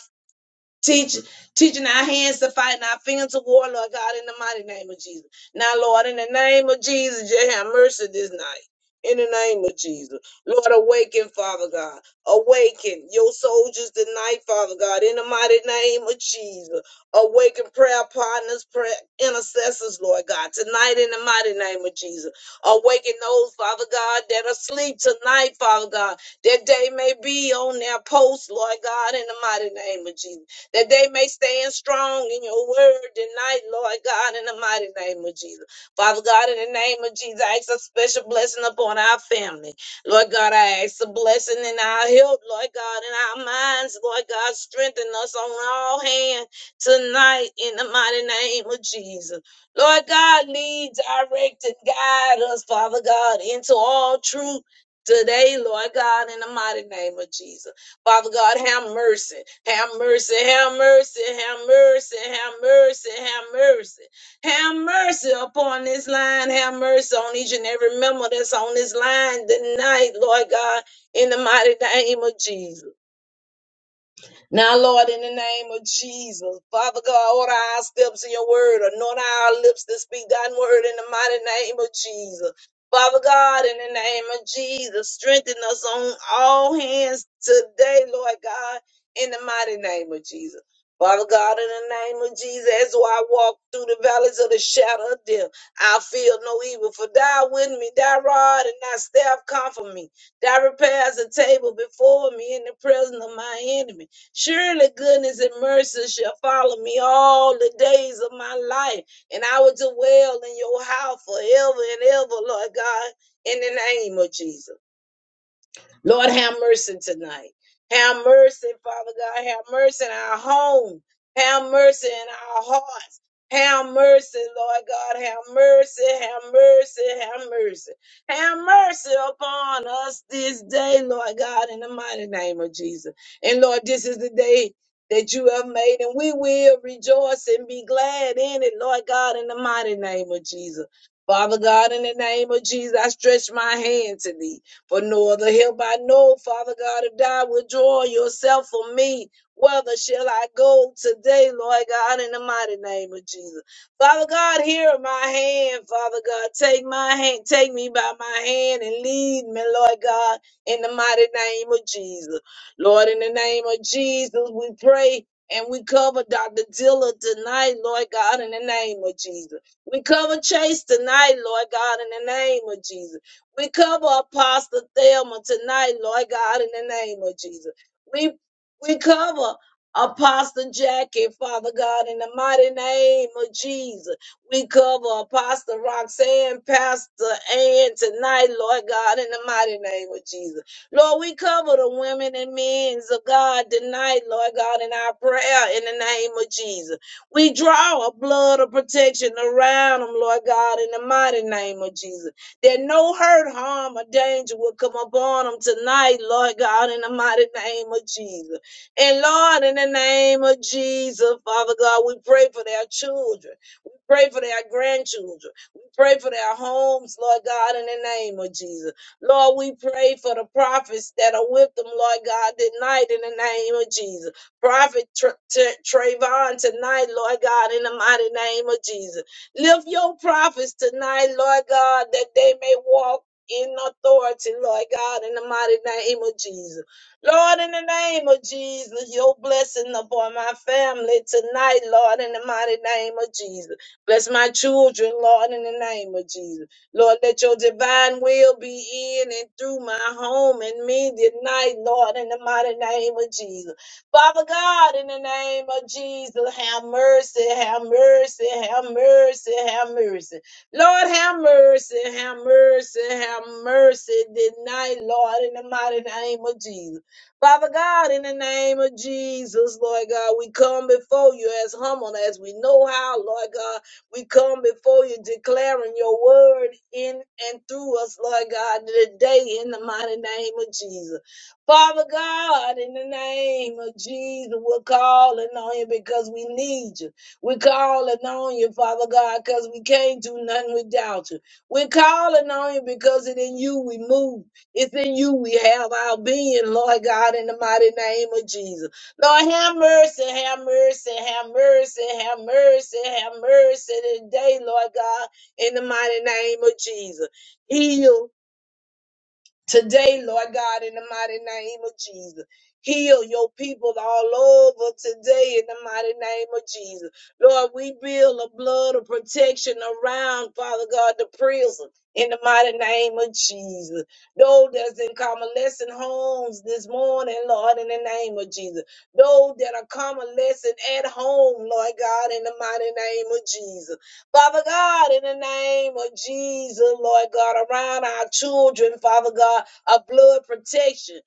Speaker 3: Teach, teaching our hands to fight and our fingers to war, Lord God, in the mighty name of Jesus. Now, Lord, in the name of Jesus, you have mercy this night. In the name of Jesus. Lord, awaken, Father God. Awaken your soldiers tonight, Father God, in the mighty name of Jesus. Awaken prayer partners, prayer intercessors, Lord God, tonight in the mighty name of Jesus. Awaken those, Father God, that are asleep tonight, Father God, that they may be on their post, Lord God, in the mighty name of Jesus that they may stand strong in your word tonight, Lord God, in the mighty name of Jesus. Father God, in the name of Jesus, I ask a special blessing upon our family. Lord God, I ask a blessing in our health, Lord God, in our minds, Lord God, strengthen us on all hands tonight in the mighty name of Jesus. Lord God, lead, direct, and guide us, Father God, into all truth today, Lord God, in the mighty name of Jesus. Father God, have mercy, have mercy, have mercy, have mercy, have mercy, have mercy. Have mercy upon this line. Have mercy on each and every member that's on this line tonight, Lord God, in the mighty name of Jesus. Now, Lord, in the name of Jesus, Father God, order our steps in your word, anoint our lips to speak God's word in the mighty name of Jesus. Father God, in the name of Jesus, strengthen us on all hands today, Lord God, in the mighty name of Jesus. Father God, in the name of Jesus, as I walk through the valleys of the shadow of death, I feel no evil, for thou with me, thy rod and thy staff comfort me. Thou repairs a table before me in the presence of my enemy. Surely goodness and mercy shall follow me all the days of my life, and I will dwell in your house forever and ever, Lord God, in the name of Jesus. Lord, have mercy tonight. Have mercy, Father God. Have mercy in our home. Have mercy in our hearts. Have mercy, Lord God. Have mercy. Have mercy. Have mercy. Have mercy upon us this day, Lord God, in the mighty name of Jesus. And Lord, this is the day that you have made, and we will rejoice and be glad in it, Lord God, in the mighty name of Jesus. Father God, in the name of Jesus, I stretch my hand to thee. For no other help I know, Father God, if thou withdraw yourself from me, whither shall I go today, Lord God, in the mighty name of Jesus? Father God, here in my hand, Father God, take my hand, take me by my hand and lead me, Lord God, in the mighty name of Jesus. Lord, in the name of Jesus, we pray. And we cover Dr. Dilla tonight, Lord God, in the name of Jesus. We cover Chase tonight, Lord God, in the name of Jesus. We cover Apostle Thelma tonight, Lord God, in the name of Jesus. We we cover Apostle Jackie, Father God, in the mighty name of Jesus. We cover Apostle Roxanne, Pastor Ann tonight, Lord God, in the mighty name of Jesus. Lord, we cover the women and men of God tonight, Lord God, in our prayer in the name of Jesus. We draw a blood of protection around them, Lord God, in the mighty name of Jesus that no hurt, harm, or danger will come upon them tonight, Lord God, in the mighty name of Jesus. And Lord, in the name of Jesus, Father God, we pray for their children. We pray for their grandchildren. We pray for their homes, Lord God, in the name of Jesus. Lord, we pray for the prophets that are with them, Lord God, tonight, in the name of Jesus. Prophet Tr- Tr- Trayvon tonight, Lord God, in the mighty name of Jesus. Lift your prophets tonight, Lord God, that they may walk in authority, Lord God, in the mighty name of Jesus. Lord, in the name of Jesus, your blessing upon my family tonight, Lord, in the mighty name of Jesus. Bless my children, Lord, in the name of Jesus. Lord, let your divine will be in and through my home and me tonight, Lord, in the mighty name of Jesus. Father God, in the name of Jesus, have mercy, have mercy, have mercy, have mercy. Lord, have mercy, have mercy, have mercy. Tonight, Lord, in the mighty name of Jesus. Father God, in the name of Jesus, Lord God, we come before you as humble as we know how, Lord God. We come before you declaring your word in and through us, Lord God, today in the mighty name of Jesus. Father God, in the name of Jesus, we're calling on you because we need you. We're calling on you, Father God, because we can't do nothing without you. We're calling on you because it's in you we move. It's in you we have our being, Lord God, in the mighty name of Jesus. Lord, have mercy, have mercy, have mercy, have mercy, have mercy today, Lord God, in the mighty name of Jesus. Heal. Today, Lord God, in the mighty name of Jesus, heal your people all over today in the mighty name of Jesus. Lord, we build a blood of protection around, Father God, the prison in the mighty name of Jesus. Those that's in convalescent homes this morning, Lord, in the name of Jesus. Those that are convalescent at home, Lord God, in the mighty name of Jesus. Father God, in the name of Jesus, Lord God, around our children, Father God, a blood protection.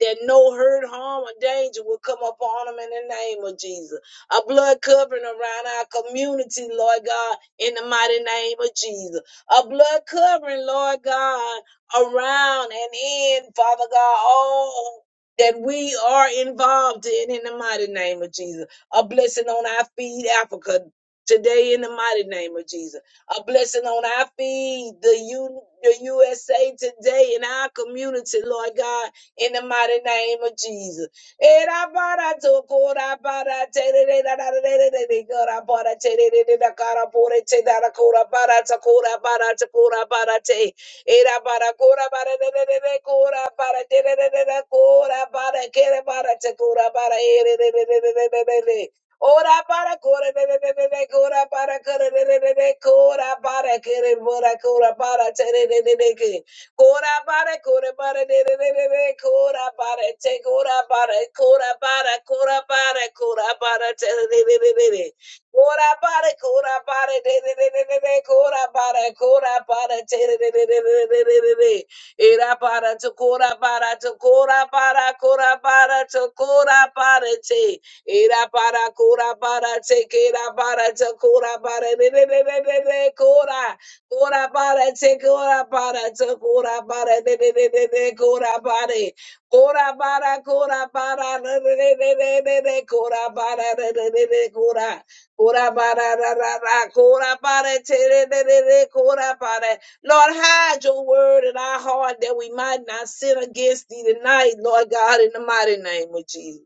Speaker 3: That no hurt, harm, or danger will come upon them in the name of Jesus. A blood covering around our community, Lord God, in the mighty name of Jesus. A blood covering, Lord God, around and in, Father God, all that we are involved in, in the mighty name of Jesus. A blessing on our feed, Africa today in the mighty name of Jesus. A blessing on our feed, the U, the USA today in our community, Lord God, in the mighty name of Jesus. Eh, da, ba, da, to, ko, da, ba, da, te, de, de, da, da, de, de, de, de, go, da, ba, da, te, de, de, de, da, ka, da, bo, de, te, da, da, ko, da, ba, da, ta, ko, da, ba, da, ta, ko, da, ba, da, te. Eh, da, ba, da, ko, da, ba, da, de, de, de, de, ko, da, ba, da, te, de, de, de, de, ko, da, ba, da, ke, da, ba, da, te, ko, da, ba, da, eh, de, de, de, de, de, de, de, de. Ora para cora de de de de de cora para cora de de de de cora para querer bora cora para tere de de de que cora para cora para de de de de de cora para te cora para cora para cora para cora para tere de de de de de cora para cora para de de de de de de cora para cora para tere de de de de de de de de era para tu cora para tu cora para cora para tu cora para te Ira para kura para teke ira para takura para de de de de de de kura kura para teke ura para takura para de de de re re kura para kura para kura para de de re re de de re kura para re re re re kura kura para ra ra ra kura para te re re re re kura para Lord hide your word in our heart that we might not sin against thee tonight Lord God in the mighty name of Jesus.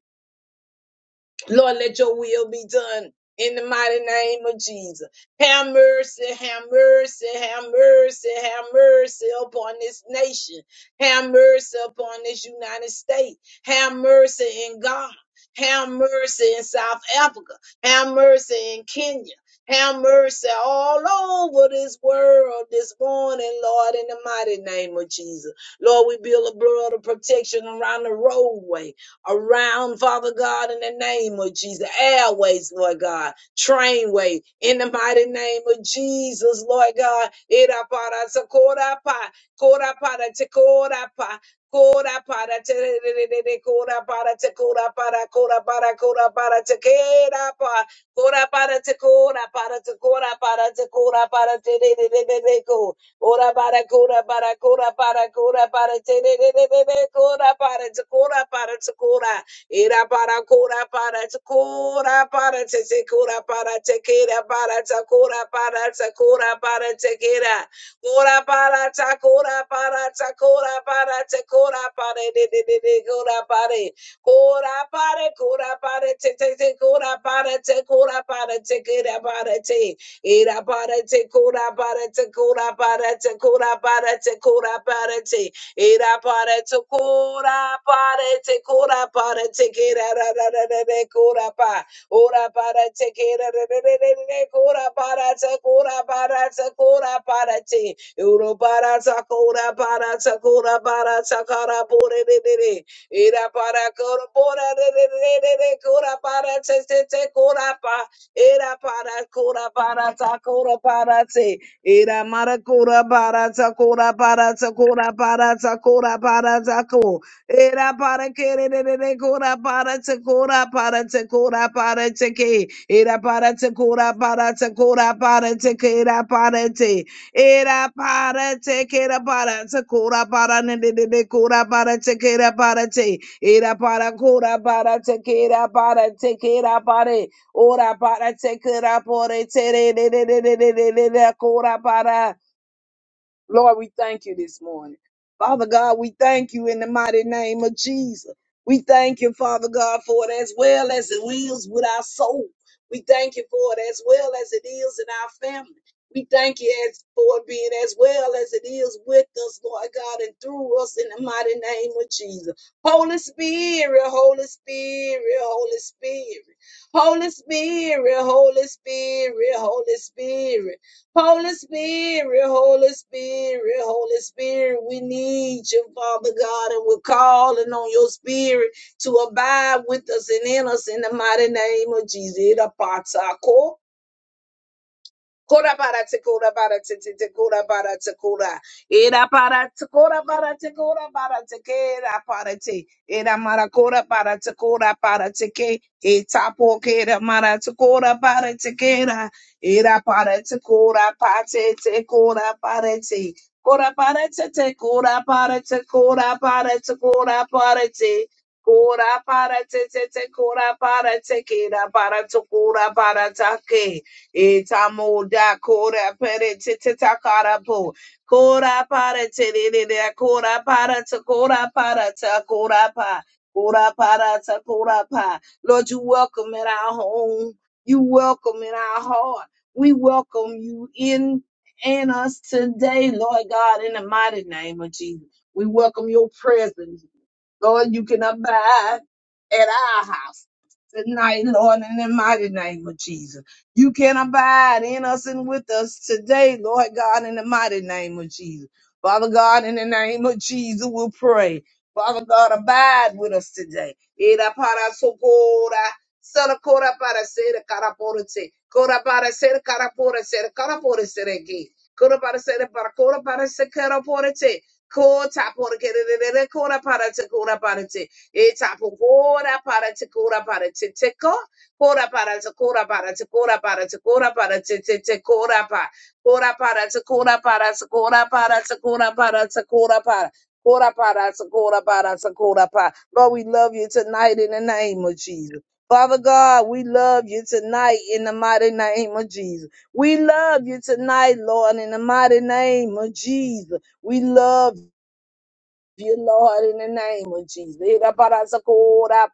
Speaker 3: Lord, let your will be done in the mighty name of Jesus. Have mercy, have mercy, have mercy, have mercy upon this nation. Have mercy upon this United States. Have mercy in Ghana. Have mercy in South Africa. Have mercy in Kenya. Have mercy all over this world this morning, Lord, in the mighty name of Jesus. Lord, we build a blood of protection around the roadway around, Father God, in the name of Jesus. Airways, Lord God, trainway, in the mighty name of Jesus, Lord God. Irapara sakorapa, korapara tekorapa, korapara tererere, korapara tekorapara, korapara, Ora para cura para cura para cura para te de de de de de cura para te cura para te cura ira para cura para te cura para te te cura para te quera para te cura para te cura para te quera cura para te cura para te cura para te cura para de de de de cura para cura para cura para te te te cura para te cura para te quera para te Ira parate kura parate kura parate kura parate kura parate. Ira parate kura parate kura parate kira ra ra ra ra ra kura pa. Ora parate kira ra ra ra ra ra kura parate kura parate kura parate. Uro parate kura parate kura parate kara pure re re re. Ira para kura pura re re re re re kura parate se se kura pa. Era para cora para ta cora para te. Era mara cora para ta cora para ta cora para ta cora para ta co. Era para que re re re re cora para te cora para te cora para te que. Era para te cora para te cora para te que era para te. Era para te que era para te cora para ne ne ne ne cora para te que era para te. Era para cora para te que era para te que era para Ora para te kura pore te re re re re re re re re kura para Lord, we thank you this morning. Father God, we thank you in the mighty name of Jesus. We thank you, Father God, for it as well as it is with our soul. We thank you for it as well as it is in our family. We thank you as for it being as well as it is with us, Lord God, and through us in the mighty name of Jesus. Holy Spirit, Holy Spirit, Holy Spirit, Holy Spirit, Holy Spirit, Holy Spirit. Holy Spirit, Holy Spirit, Holy Spirit, we need you, Father God, and we're calling on your spirit to abide with us and in us in the mighty name of Jesus. Kora bara te kora bara te te te kora bara te kora. Era bara te kora bara te kora bara te ke era bara te. Era mara kora bara te kora bara te ke. E tapo ke era mara te kora bara te ke era. Era bara te kora pa te te kora bara te. Kora bara te te kora bara te kora bara te kora bara te. Kora bara te te te kora bara te ke era bara te kora bara te ke. Itamuda kora pere titita kara po. Kora para tidida kora para ta kora para ta kora pa. Kora para ta kora pa. Lord, you welcome in our home. You welcome in our heart. We welcome you in and us today, Lord God, in the mighty name of Jesus. We welcome your presence. Lord, you can abide at our house tonight, Lord, in the mighty name of Jesus. You can abide in us and with us today, Lord God, in the mighty name of Jesus. Father God, in the name of Jesus, we'll pray. Father God, abide with us today. Ira para socora, sala cora para ser carapora se, cora para ser carapora ser carapora ser aqui, cora para ser para cora para ser carapora se, cota por que de cora para te cora para te, e tapo cora para te cora para te te co, cora para te cora para te cora para te cora para te te te cora para, cora para te cora para te cora para te cora para te cora para Kora para, sa kora para, sa kora pa. Lord, we love you tonight in the name of Jesus. Father God, we love you tonight in the mighty name of Jesus. We love you tonight, Lord, in the mighty name of Jesus. We love you, Lord, in the name of Jesus. Ira para sakura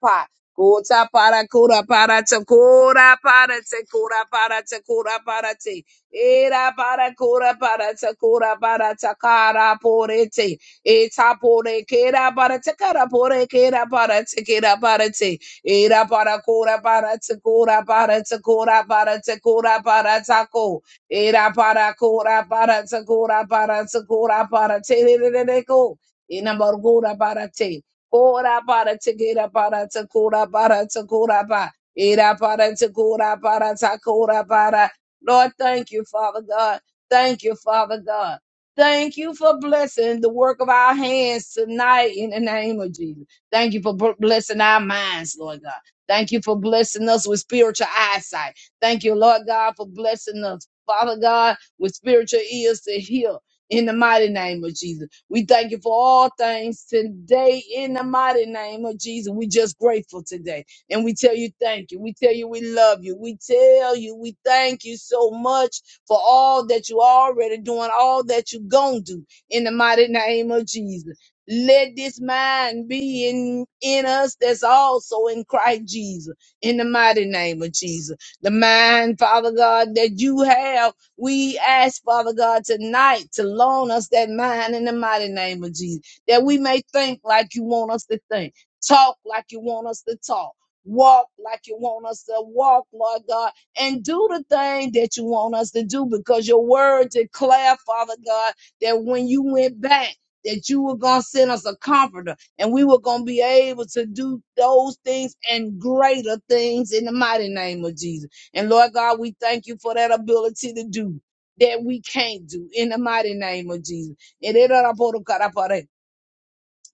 Speaker 3: pa. Kuta para kura para te kura para te kura para te kura para te. Ira para kura para te kura para te kara pore te. Eta pore kera para te kara pore kera para te kera para te. Ira para kura para te kura para te kura para te kura para te ko. Ira para kura para te kura para te kura para te. Ira para kura para te kura para te. kura para te. Ina bargura barate. Kora barate gira barate kora barate kora ba. Ira barate kora barata kora bara. Lord, thank you, Father God. Thank you, Father God. Thank you for blessing the work of our hands tonight in the name of Jesus. Thank you for bl- blessing our minds, Lord God. Thank you for blessing us with spiritual eyesight. Thank you, Lord God, for blessing us, Father God, with spiritual ears to hear in the mighty name of Jesus. We thank you for all things today in the mighty name of Jesus. We just grateful today. And we tell you thank you. We tell you we love you. We tell you we thank you so much for all that you already doing, all that you gonna do in the mighty name of Jesus. Let this mind be in, in us that's also in Christ Jesus, in the mighty name of Jesus. The mind, Father God, that you have we ask, Father God, tonight to loan us that mind in the mighty name of Jesus, that we may think like you want us to think, talk like you want us to talk. Walk like you want us to walk, Lord God, and do the thing that you want us to do because your word declare, Father God, that when you went back, that you were going to send us a comforter and we were going to be able to do those things and greater things in the mighty name of Jesus. And Lord God, we thank you for that ability to do that we can't do in the mighty name of Jesus.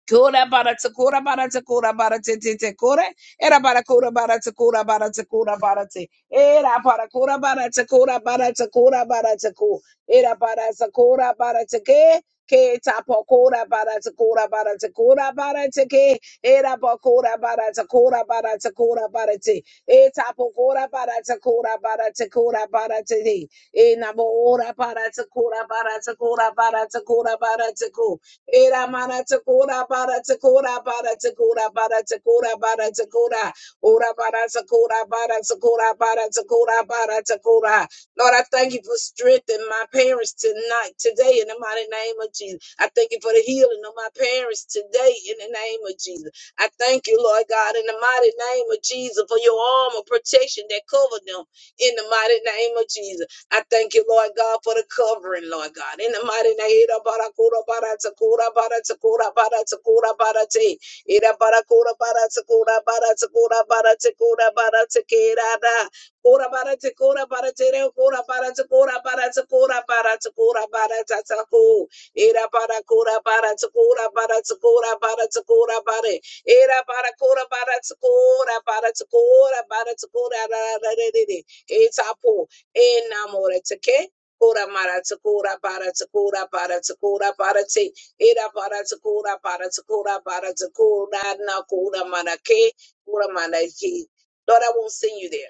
Speaker 3: Kura bara te kura bara te kura bara te te te kura. Era bara kura bara te kura bara te kura bara te. Era bara kura bara te kura bara te kura bara te ku. Era bara te kura bara te ke. Ke tapo kura bara te kura bara te kura bara te ke. Era bara kura bara te kura bara te kura bara te. E tapo kura bara te kura bara te kura bara te. E namo ora bara te kura bara te kura bara te kura bara te ku. Era mana takora bara takora bara takora bara takora bara takora. Ora bara takora bara takora bara takora bara takora. Lord, I thank you for strengthening my parents tonight, today, in the mighty name of Jesus. I thank you for the healing of my parents today, in the name of Jesus. I thank you, Lord God, in the mighty name of Jesus, for your arm of protection that covered them in the mighty name of Jesus. I thank you, Lord God, for the covering, Lord God. In the mighty name of Barakura Baratakura Baratakura Baratakura Barate. Ida Barakura Baratakura Baratakura Baratakura Baratakira. Kura Baratakura Baratere Kura Baratakura Baratakura Baratakura Baratataku. Ida Barakura Baratakura Baratakura Baratakura Bare. Ida Barakura Baratakura Baratakura Baratakura Rarede. Etapo enamore teke. Kura mara takura para takura para takura para te. Ira para takura para takura para takura na kura mara ke. Kura mara ki. Lord, I won't send you there.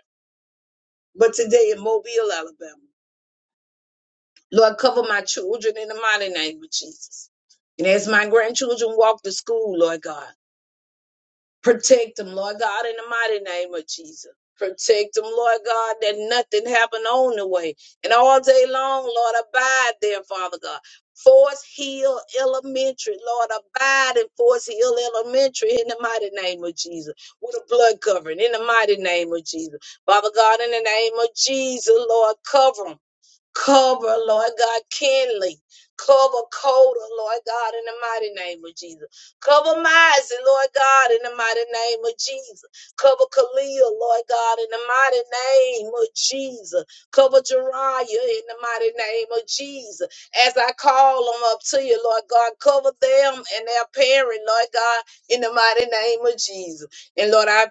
Speaker 3: But today in Mobile, Alabama. Lord, cover my children in the mighty name of Jesus. And as my grandchildren walk to school, Lord God. Protect them, Lord God, in the mighty name of Jesus. Protect them, Lord God, that nothing happen on the way. And all day long, Lord, abide there, Father God. Force Hill Elementary, Lord, abide in Force Hill Elementary in the mighty name of Jesus. With a blood covering in the mighty name of Jesus. Father God, in the name of Jesus, Lord, cover them. Cover, Lord God, Kenley. Cover Coda, Lord God, in the mighty name of Jesus. Cover Mizey, Lord God, in the mighty name of Jesus. Cover Khalil, Lord God, in the mighty name of Jesus. Cover Jeriah in the mighty name of Jesus. As I call them up to you, Lord God, cover them and their parent, Lord God, in the mighty name of Jesus. And Lord, I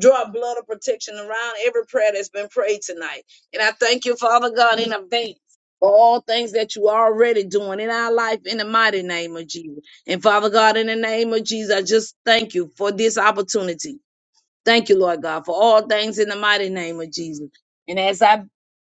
Speaker 3: Draw a blood of protection around every prayer that's been prayed tonight. And I thank you, Father God, in advance for all things that you are already doing in our life in the mighty name of Jesus. And Father God, in the name of Jesus, I just thank you for this opportunity. Thank you, Lord God, for all things in the mighty name of Jesus. And as I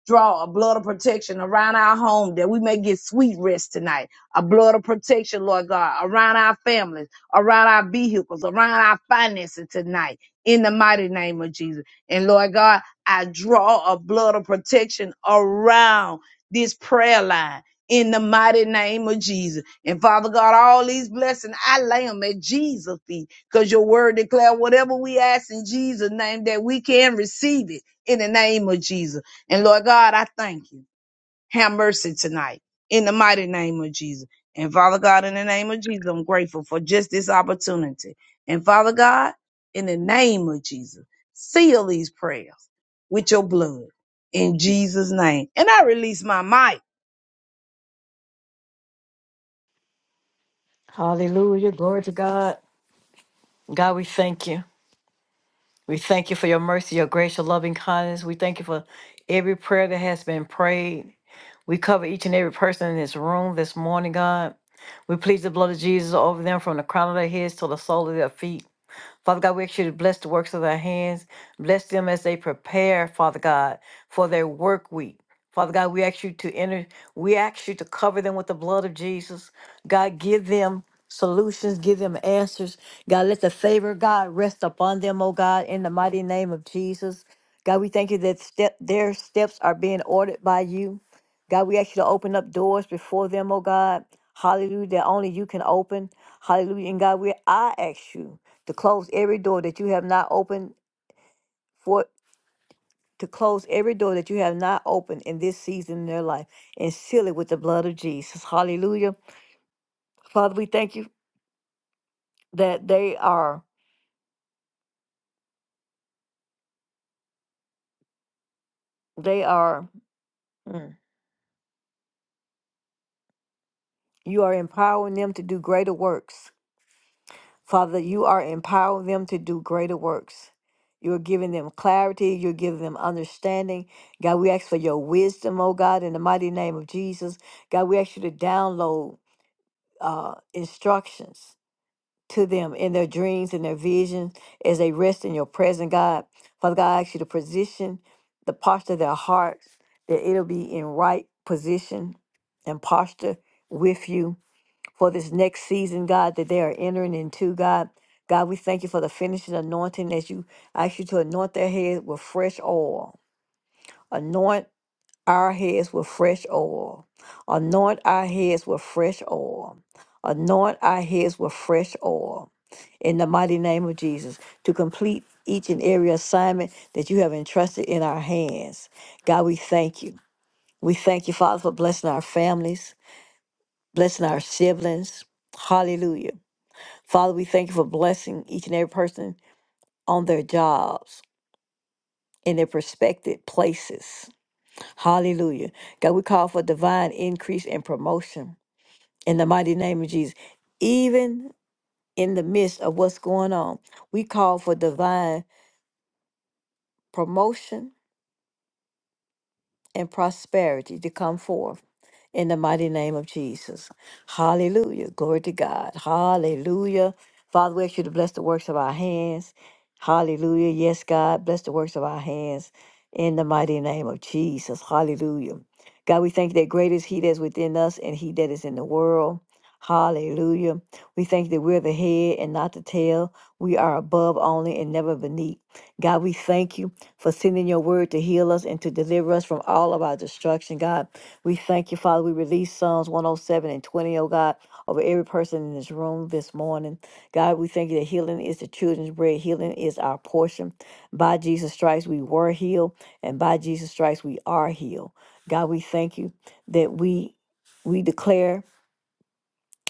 Speaker 3: draw a blood of protection around our home that we may get sweet rest tonight. A blood of protection, Lord God, around our families, around our vehicles, around our finances tonight. In the mighty name of Jesus. And Lord God, I draw a blood of protection around this prayer line. In the mighty name of Jesus. And Father God, all these blessings, I lay them at Jesus' feet. Because your word declare whatever we ask in Jesus' name that we can receive it in the name of Jesus. And Lord God, I thank you. Have mercy tonight in the mighty name of Jesus. And Father God, in the name of Jesus, I'm grateful for just this opportunity. And Father God, in the name of Jesus, seal these prayers with your blood in Jesus' name. And I release my mic.
Speaker 1: Hallelujah. Glory to God. God, we thank you. We thank you for your mercy, your grace, your loving kindness. We thank you for every prayer that has been prayed. We cover each and every person in this room this morning, God. We please the blood of Jesus over them from the crown of their heads to the sole of their feet. Father God, we ask you to bless the works of their hands. Bless them as they prepare, Father God, for their work week. Father God, we ask you to enter, we ask you to cover them with the blood of Jesus. God, give them solutions, give them answers. God, let the favor of God rest upon them, oh God, in the mighty name of Jesus. God, we thank you that step, their steps are being ordered by you. God, we ask you to open up doors before them, oh God. Hallelujah, that only you can open. Hallelujah. And God, we I ask you to close every door that you have not opened for to close every door that you have not opened in this season in their life and seal it with the blood of Jesus. Hallelujah. Father, we thank you that they are they are mm, you are empowering them to do greater works. Father, you are empowering them to do greater works. You're giving them clarity. You're giving them understanding. God, we ask for your wisdom, oh God, in the mighty name of Jesus. God, we ask you to download uh, instructions to them in their dreams and their visions as they rest in your presence, God. Father God, I ask you to position the posture of their hearts, that it'll be in right position and posture with you for this next season, God, that they are entering into, God. God, we thank you for the finishing anointing as you I ask you to anoint their head with fresh oil. Anoint our heads with fresh oil. Anoint our heads with fresh oil. Anoint our heads with fresh oil. In the mighty name of Jesus, to complete each and every assignment that you have entrusted in our hands. God, we thank you. We thank you, Father, for blessing our families, blessing our siblings. Hallelujah. Father, we thank you for blessing each and every person on their jobs, in their prospective places. Hallelujah. God, we call for divine increase and promotion in the mighty name of Jesus. Even in the midst of what's going on, we call for divine promotion and prosperity to come forth in the mighty name of Jesus. Hallelujah. Glory to God. Hallelujah. Father, we ask you to bless the works of our hands. Hallelujah. Yes, God, bless the works of our hands in the mighty name of Jesus. Hallelujah. God, we thank you that great is He that is within us and He that is in the world. Hallelujah. We thank you that we're the head and not the tail. We are above only and never beneath. God, we thank you for sending your word to heal us and to deliver us from all of our destruction, God. We thank you, Father. We release Psalms 107 and 20, O God, over every person in this room this morning. God, we thank you that healing is the children's bread, healing is our portion. By Jesus' stripes, we were healed, and by Jesus' stripes, we are healed. God, we thank you that we we declare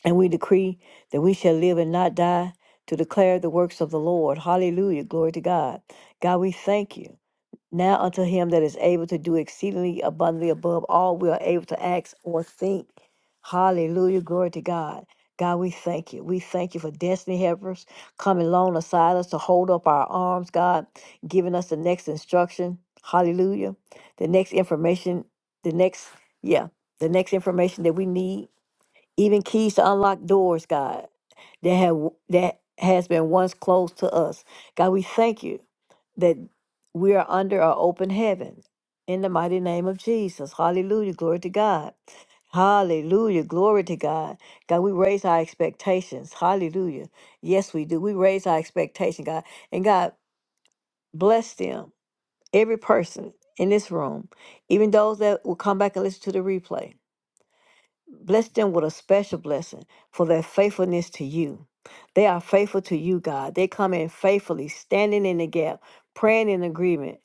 Speaker 1: and we decree that we shall live and not die to declare the works of the Lord. Hallelujah. Glory to God. God, we thank you. Now unto him that is able to do exceedingly abundantly above all we are able to ask or think. Hallelujah. Glory to God. God, we thank you. We thank you for destiny helpers coming alongside us to hold up our arms, God, giving us the next instruction. Hallelujah. The next information, the next, yeah, the next information that we need. Even keys to unlock doors, God, that have that has been once closed to us. God, we thank you that we are under our open heaven in the mighty name of Jesus. Hallelujah. Glory to God. Hallelujah. Glory to God. God, we raise our expectations. Hallelujah. Yes, we do. We raise our expectation, God. And God, bless them, every person in this room, even those that will come back and listen to the replay. Bless them with a special blessing for their faithfulness to you. They are faithful to you, God. They come in faithfully, standing in the gap, praying in agreement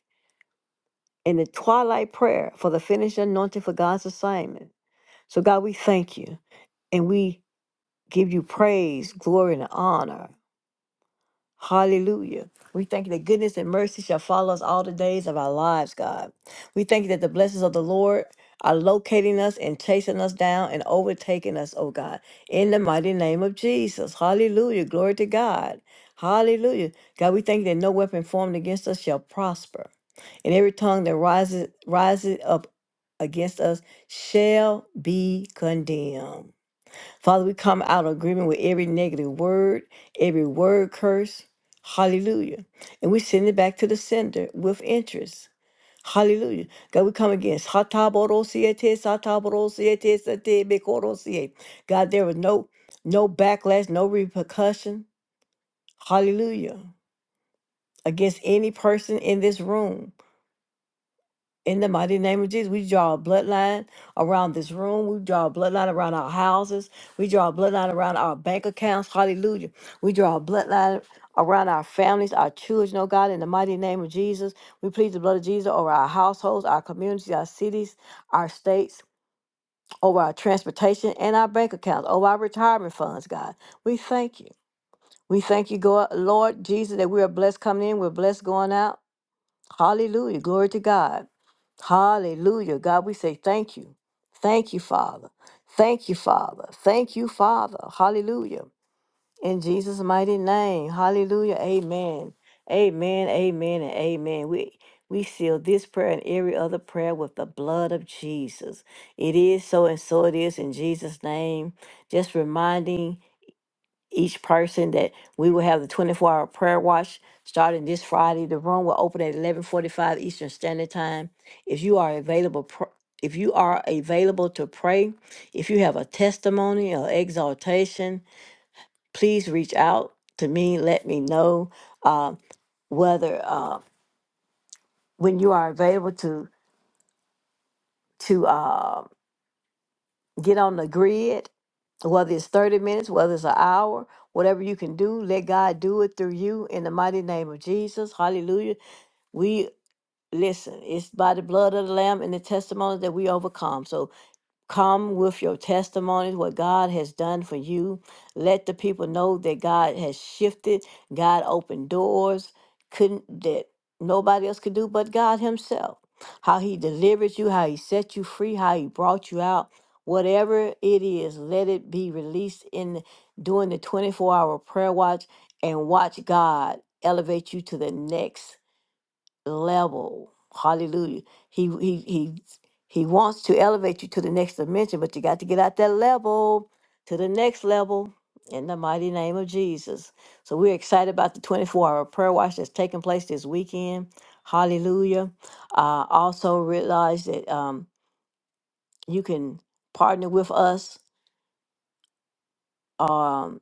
Speaker 1: in the twilight prayer for the finished anointing for God's assignment. So, God, we thank you and we give you praise, glory, and honor. Hallelujah. We thank you that goodness and mercy shall follow us all the days of our lives, God. We thank you that the blessings of the Lord are locating us and chasing us down and overtaking us, oh God, in the mighty name of Jesus. Hallelujah. Glory to God. Hallelujah. God, we thank you that no weapon formed against us shall prosper. And every tongue that rises rises up against us shall be condemned. Father, we come out of agreement with every negative word, every word curse. Hallelujah. And we send it back to the sender with interest. Hallelujah. God, we come against. Hataborosiete, sataborosiete, satebekorosiete. God, there was no no backlash, no repercussion. Hallelujah. Against any person in this room. In the mighty name of Jesus, we draw a bloodline around this room. We draw a bloodline around our houses. We draw a bloodline around our bank accounts. Hallelujah. We draw a bloodline around our families, our children, oh God, in the mighty name of Jesus. We plead the blood of Jesus over our households, our communities, our cities, our states, over our transportation and our bank accounts, over our retirement funds, God. We thank you. We thank you, God, Lord Jesus, that we are blessed coming in, we're blessed going out. Hallelujah. Glory to God. Hallelujah. God, we say thank you. Thank you, Father. Thank you, Father. Thank you, Father. Hallelujah. In Jesus' mighty name. Hallelujah. Amen. Amen. Amen. And amen. We we seal this prayer and every other prayer with the blood of Jesus. It is so and so it is in Jesus' name. Just reminding each person that we will have the 24 hour prayer watch starting this Friday. The room will open at 11:45 Eastern Standard Time. If you are available pr- if you are available to pray, if you have a testimony or exaltation, please reach out to me. Let me know uh, whether uh, when you are available to to uh, get on the grid whether it's 30 minutes, whether it's an hour, whatever you can do, let God do it through you in the mighty name of Jesus. Hallelujah. We listen, it's by the blood of the Lamb and the testimony that we overcome. So Come with your testimonies, what God has done for you. Let the people know that God has shifted. God opened doors couldn't that nobody else could do but God Himself. How He delivered you, how He set you free, how He brought you out. Whatever it is, let it be released in during the 24 hour prayer watch and watch God elevate you to the next level. Hallelujah. He he he he wants to elevate you to the next dimension, but you got to get out that level to the next level in the mighty name of Jesus. So we're excited about the 24 hour prayer watch that's taking place this weekend. Hallelujah. Uh, also realize that um, you can partner with us um,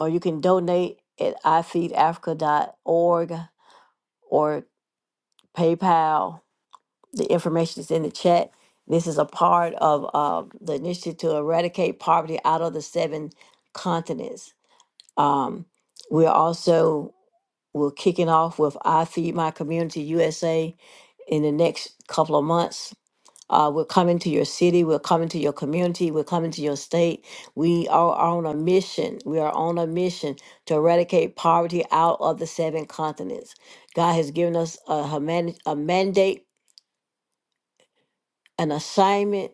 Speaker 1: or you can donate at i feed africa dot org or PayPal the information is in the chat. This is a part of uh, the initiative to eradicate poverty out of the seven continents. Um, we're also we're kicking off with I Feed My Community USA in the next couple of months. Uh, we're coming to your city. We're coming to your community. We're coming to your state. We are on a mission. We are on a mission to eradicate poverty out of the seven continents. God has given us a, humani- a mandate an assignment,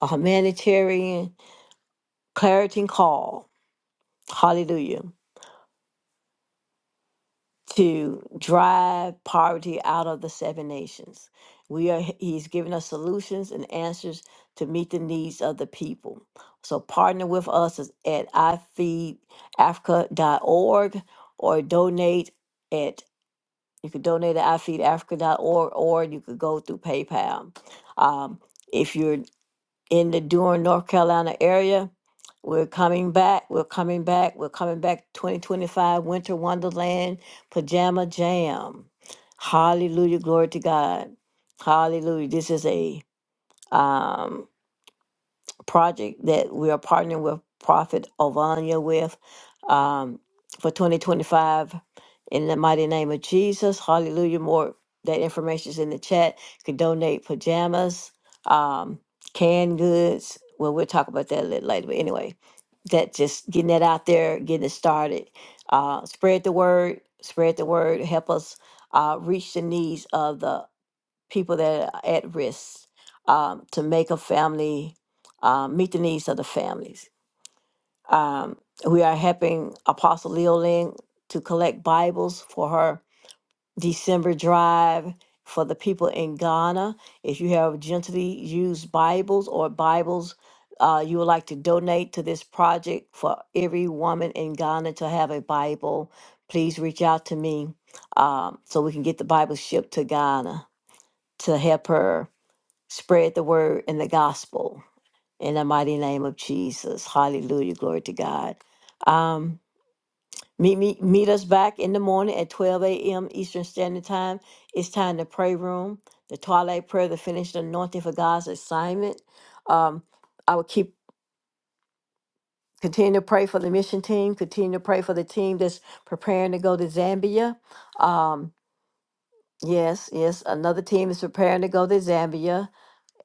Speaker 1: a humanitarian clarity call, hallelujah, to drive poverty out of the seven nations. We are he's given us solutions and answers to meet the needs of the people. So partner with us is at ifeedafrica.org or donate at you could donate at ifeedafrica.org or you could go through PayPal. Um, if you're in the Durham, North Carolina area. We're coming back. We're coming back. We're coming back. 2025 Winter Wonderland Pajama Jam. Hallelujah. Glory to God. Hallelujah. This is a um, project that we are partnering with Prophet Ovania with um, for 2025. In the mighty name of Jesus, hallelujah. More that information is in the chat. You can donate pajamas, um, canned goods. Well, we'll talk about that a little later. But anyway, that just getting that out there, getting it started. Uh, spread the word, spread the word. Help us uh, reach the needs of the people that are at risk um, to make a family um, meet the needs of the families. Um, we are helping Apostle Leoling to collect Bibles for her December drive for the people in Ghana. If you have gently used Bibles or Bibles uh, you would like to donate to this project for every woman in Ghana to have a Bible, please reach out to me um, so we can get the Bible shipped to Ghana to help her spread the word and the gospel in the mighty name of Jesus. Hallelujah. Glory to God. Um, meet me meet us back in the morning at 12 a.m. Eastern Standard Time. It's time to pray room, the twilight prayer, the finished anointing for God's assignment. Um, I will keep continue to pray for the mission team, continue to pray for the team that's preparing to go to Zambia. Um, yes, yes, another team is preparing to go to Zambia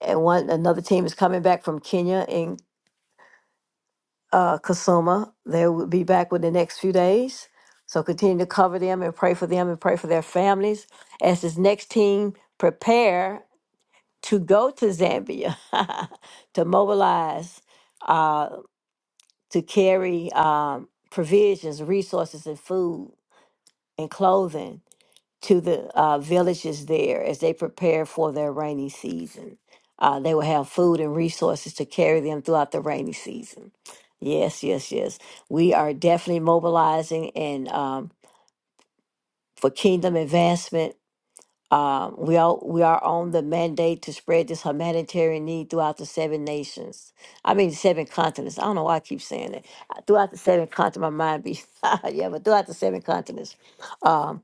Speaker 1: and one another team is coming back from Kenya and. uh, Kasuma. They will be back within the next few days. So continue to cover them and pray for them and pray for their families as this next team prepare to go to Zambia to mobilize uh, to carry um, provisions, resources, and food and clothing to the uh, villages there as they prepare for their rainy season. Uh, they will have food and resources to carry them throughout the rainy season. Yes, yes, yes. We are definitely mobilizing and um, for kingdom advancement. Um, we all we are on the mandate to spread this humanitarian need throughout the seven nations. I mean, seven continents. I don't know why I keep saying that. Throughout the seven continents, my mind be yeah, but throughout the seven continents. um,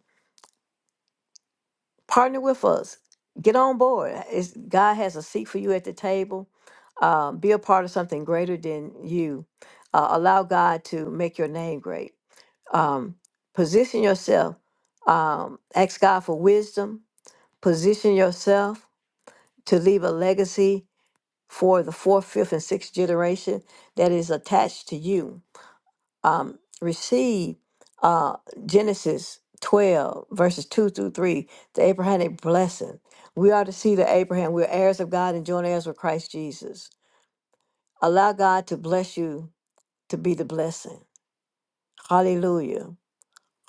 Speaker 1: partner with us. Get on board. It's, God has a seat for you at the table. Um, be a part of something greater than you. Uh, allow God to make your name great. Um, position yourself. Um, ask God for wisdom. Position yourself to leave a legacy for the fourth, fifth, and sixth generation that is attached to you um, receive uh, Genesis 12, verses 2 through 3, the Abrahamic blessing. We are to see the Abraham. We're heirs of God and joint heirs with Christ Jesus. Allow God to bless you to be the blessing. Hallelujah.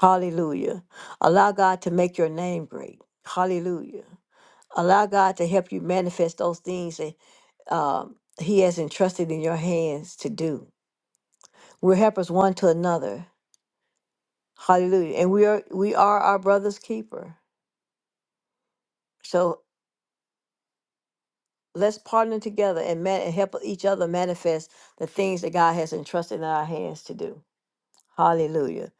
Speaker 1: Hallelujah. Allow God to make your name great. Hallelujah. Allow God to help you manifest those things that um, He has entrusted in your hands to do. We're helpers one to another. Hallelujah. And we are we are our brother's keeper. So let's partner together and, man, and help each other manifest the things that God has entrusted in our hands to do. Hallelujah.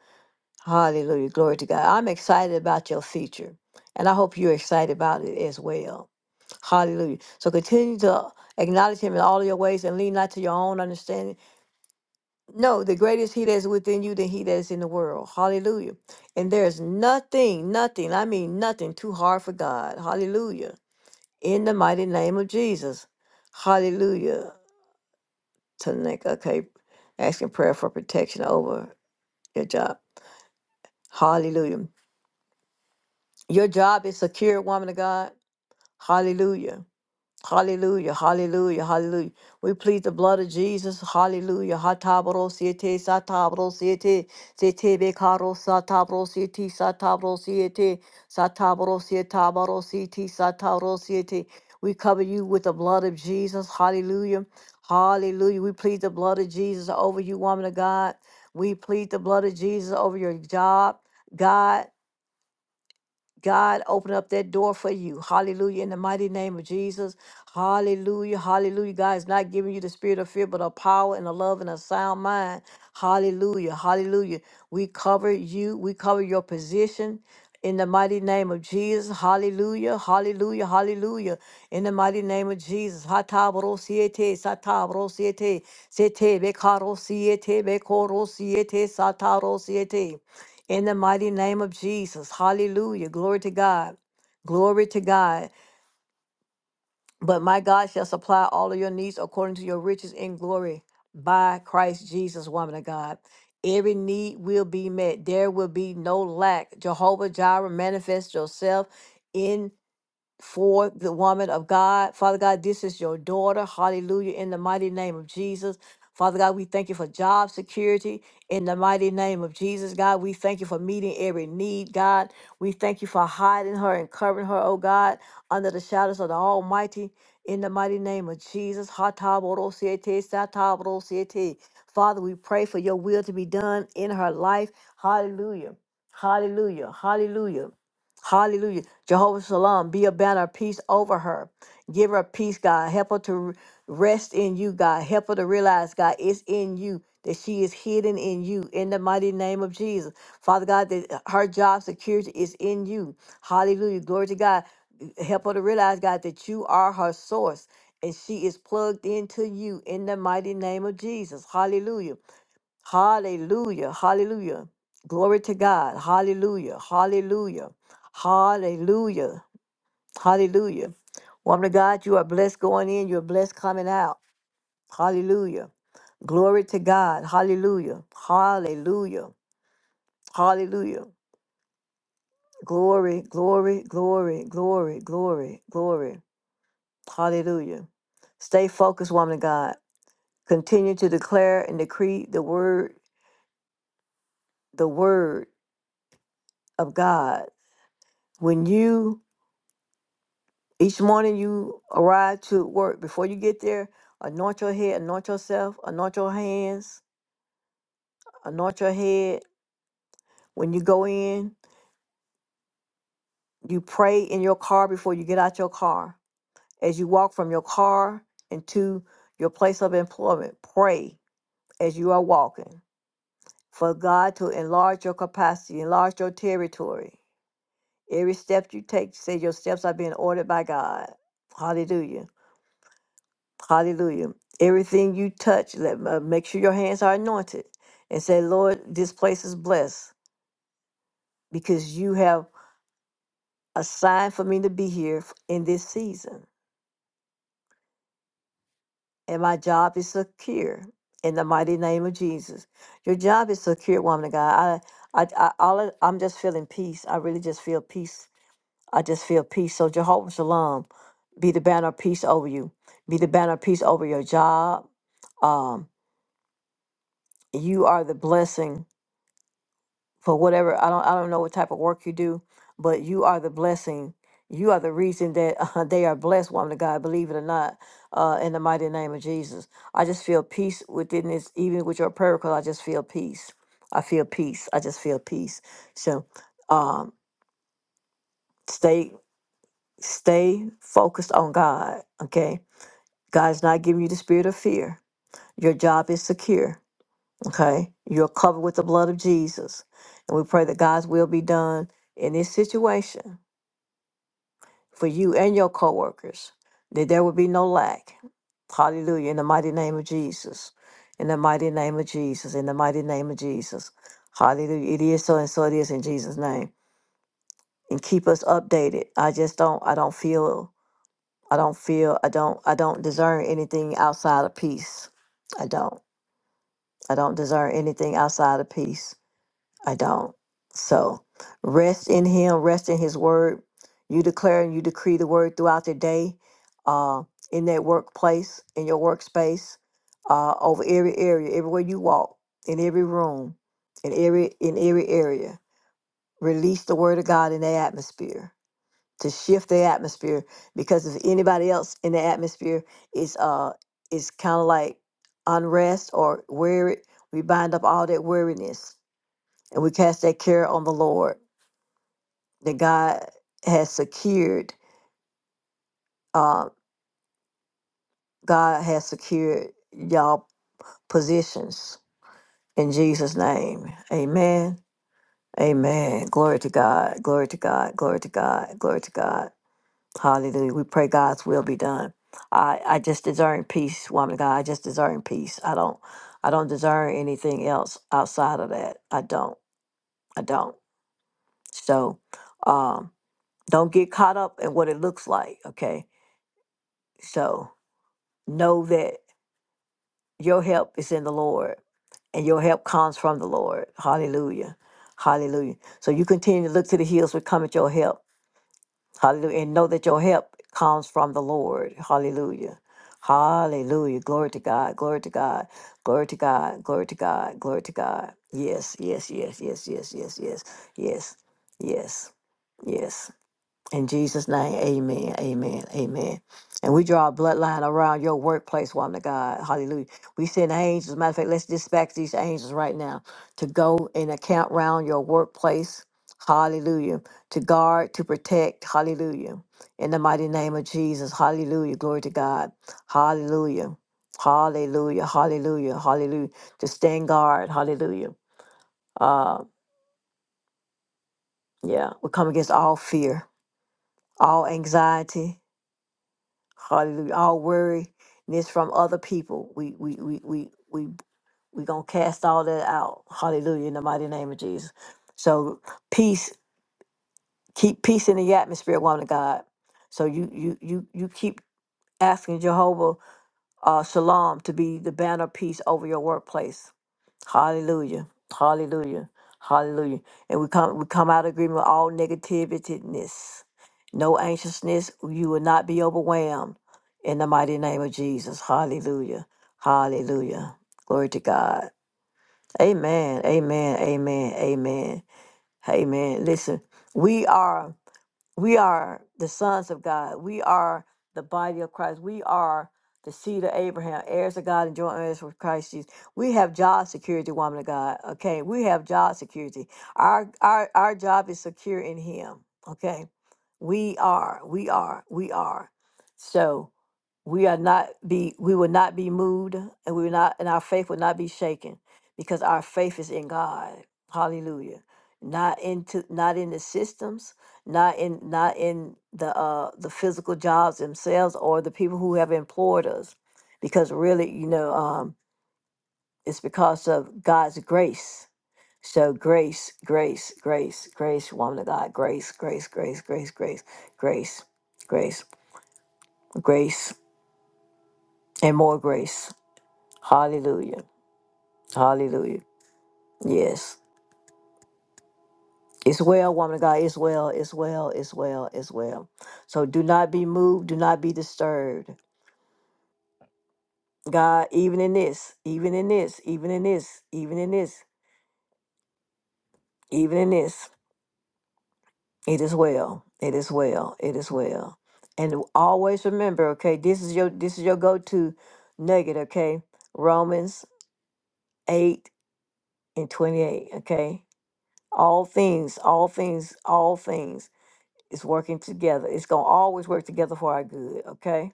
Speaker 1: Hallelujah. Glory to God. I'm excited about your future. And I hope you're excited about it as well. Hallelujah. So continue to acknowledge him in all of your ways and lean not to your own understanding. No, the greatest he that is within you than he that is in the world. Hallelujah. And there's nothing, nothing, I mean nothing too hard for God. Hallelujah. in the mighty name of Jesus. Hallelujah. To Tanika, okay, asking prayer for protection over your job. Hallelujah. Your job is secure, woman of God. Hallelujah. Hallelujah, hallelujah, hallelujah. We plead the blood of Jesus. Hallelujah. Hatabro siete, satabro siete, siete becaro satabro siete, satabro siete, satabro sietabro siete, satabro siete. We cover you with the blood of Jesus. Hallelujah. Hallelujah. We plead the blood of Jesus over you, woman of God. We plead the blood of Jesus over your job, God. God, open up that door for you. Hallelujah. In the mighty name of Jesus. Hallelujah. Hallelujah. God is not giving you the spirit of fear, but a power and a love and a sound mind. Hallelujah. Hallelujah. We cover you. We cover your position. In the mighty name of Jesus, hallelujah, hallelujah, hallelujah. In the mighty name of Jesus, hatabro siete, sete, bekaro siete, bekoro in the mighty name of Jesus. Hallelujah. Glory to God. Glory to God. But my God shall supply all of your needs according to your riches in glory by Christ Jesus, woman of God. Every need will be met. There will be no lack. Jehovah Jireh, manifest yourself in for the woman of God. Father God, this is your daughter. Hallelujah. In the mighty name of Jesus. Father God, we thank you for job security in the mighty name of Jesus. God, we thank you for meeting every need, God. We thank you for hiding her and covering her, oh God, under the shadows of the Almighty in the mighty name of Jesus. Hatabodo-siete, satabodo-siete. Father, we pray for your will to be done in her life. Hallelujah. Hallelujah. Hallelujah. Hallelujah. Jehovah Shalom, be a banner of peace over her. Give her peace, God. Help her to r- rest in you, God. Help her to realize, God, it's in you, that she is hidden in you, in the mighty name of Jesus. Father God, that her job security is in you. Hallelujah. Glory to God. Help her to realize, God, that you are her source and she is plugged into you in the mighty name of Jesus. Hallelujah. Hallelujah. Hallelujah. Glory to God. Hallelujah. Hallelujah. Hallelujah. Hallelujah. Woman of God, you are blessed going in. You're blessed coming out. Hallelujah. Glory to God. Hallelujah. Hallelujah. Hallelujah. Glory, glory, glory, glory, glory, glory. Hallelujah. Stay focused, woman of God. Continue to declare and decree the word, the word of God. When you Each morning you arrive to work. Before you get there, anoint your head, anoint yourself, anoint your hands, anoint your head. When you go in, you pray in your car before you get out your car. As you walk from your car into your place of employment, pray as you are walking for God to enlarge your capacity, enlarge your territory. Every step you take, say your steps are being ordered by God. Hallelujah. Hallelujah. Everything you touch, let uh, make sure your hands are anointed and say, Lord, this place is blessed because you have assigned for me to be here f- in this season. And my job is secure in the mighty name of Jesus. Your job is secure, woman of God. I, I, I all I- I'm just feeling peace. I really just feel peace. I just feel peace. So Jehovah Shalom, be the banner of peace over you. Be the banner of peace over your job. Um, you are the blessing for whatever I don't I don't know what type of work you do, but you are the blessing. You are the reason that uh, they are blessed, woman of God. Believe it or not, uh, in the mighty name of Jesus, I just feel peace within this. Even with your prayer call, I just feel peace. I feel peace. I just feel peace. So, um, stay stay focused on God. Okay, God is not giving you the spirit of fear. Your job is secure Okay, you're covered with the blood of Jesus. And we pray that God's will be done in this situation for you and your coworkers, that there will be no lack. Hallelujah. In the mighty name of Jesus. In the mighty name of Jesus. In the mighty name of Jesus. Hallelujah. It is so and so it is in Jesus' name. And keep us updated. I just don't I don't feel I don't feel I don't I don't discern anything outside of peace. I don't. I don't discern anything outside of peace. I don't. So rest in Him, rest in His word. You declare and you decree the word throughout the day, uh, in that workplace, in your workspace, uh, over every area, everywhere you walk, in every room, in every in every area. Release the word of God in the atmosphere to shift the atmosphere. Because if anybody else in the atmosphere is uh is kind of like unrest or weary, we bind up all that weariness and we cast that care on the Lord that God has secured, uh, God has secured y'all positions in Jesus' name. Amen. Amen. Glory to God. Glory to God. Glory to God. Glory to God. Hallelujah. We pray God's will be done. I, I just discern peace, woman of God. I just discern peace. I don't I don't discern anything else outside of that. I don't. I don't. So um don't get caught up in what it looks like. Okay So know that your help is in the Lord and your help comes from the Lord. Hallelujah. Hallelujah. So you continue to look to the hills which come at your help. Hallelujah. And know that your help comes from the Lord. Hallelujah. Hallelujah. Glory to God. Glory to God. Glory to God. Glory to God. Glory to God. Yes, yes, yes, yes, yes, yes, yes, yes, yes, yes. In Jesus' name, amen, amen, amen. And we draw a bloodline around your workplace, woman of God. Hallelujah. We send angels. Matter of fact, let's dispatch these angels right now to go and account round your workplace. Hallelujah. To guard, to protect. Hallelujah. In the mighty name of Jesus. Hallelujah. Glory to God. Hallelujah. Hallelujah. Hallelujah. Hallelujah. To stand guard. Hallelujah. Uh, yeah. We come against all fear, all anxiety. Hallelujah. All worryness from other people. We we we we we we gonna cast all that out. Hallelujah. In the mighty name of Jesus. So peace, keep peace in the atmosphere, woman of God. So you you you you keep asking Jehovah uh, Shalom to be the banner of peace over your workplace Hallelujah. Hallelujah. Hallelujah. And we come we come out of agreement with all negativityness. No anxiousness. You will not be overwhelmed in the mighty name of Jesus. Hallelujah. Hallelujah. Glory to God. Amen. Amen. Amen. Amen. Amen. Listen, we are we are the sons of God. We are the body of Christ. We are the seed of Abraham, heirs of God and joint heirs with Christ Jesus. We have job security, woman of God. Okay. We have job security. Our our our job is secure in him. Okay. We are, we are, we are. So we are not be we will not be moved and we will not and our faith will not be shaken because our faith is in god hallelujah not into not in the systems not in not in the uh the physical jobs themselves or the people who have employed us because really you know um it's because of god's grace so grace grace grace grace woman of god grace grace grace grace grace grace grace grace and more grace Hallelujah. Hallelujah. Yes. It's well, woman of God. It's well. It's well. It's well. It's well. So do not be moved. Do not be disturbed. God, even in this, even in this, even in this, even in this, even in this, it is well. It is well. It is well. And always remember, okay, this is your this is your go-to nugget, okay? Romans 8 and 28, okay? All things, all things, all things It's working together. It's going to always work together for our good, okay?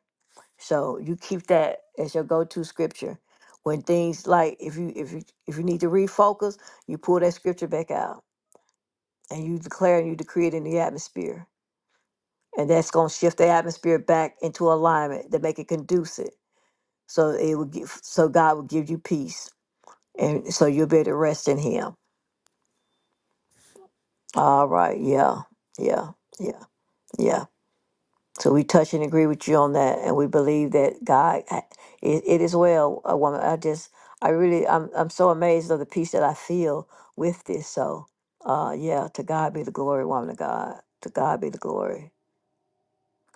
Speaker 1: So you keep that as your go-to scripture. When things like if you if you if you need to refocus, you pull that scripture back out and you declare and you decree it in the atmosphere. And that's going to shift the atmosphere back into alignment to make it conducive. So it will give so God will give you peace. And so you'll be able to rest in him. All right. Yeah. Yeah. Yeah. Yeah. So we touch and agree with you on that, and we believe that God, I- it, it is well, a woman. I just, I really, I'm, I'm so amazed of the peace that I feel with this. So, uh, yeah, to God be the glory, woman of God. To God be the glory.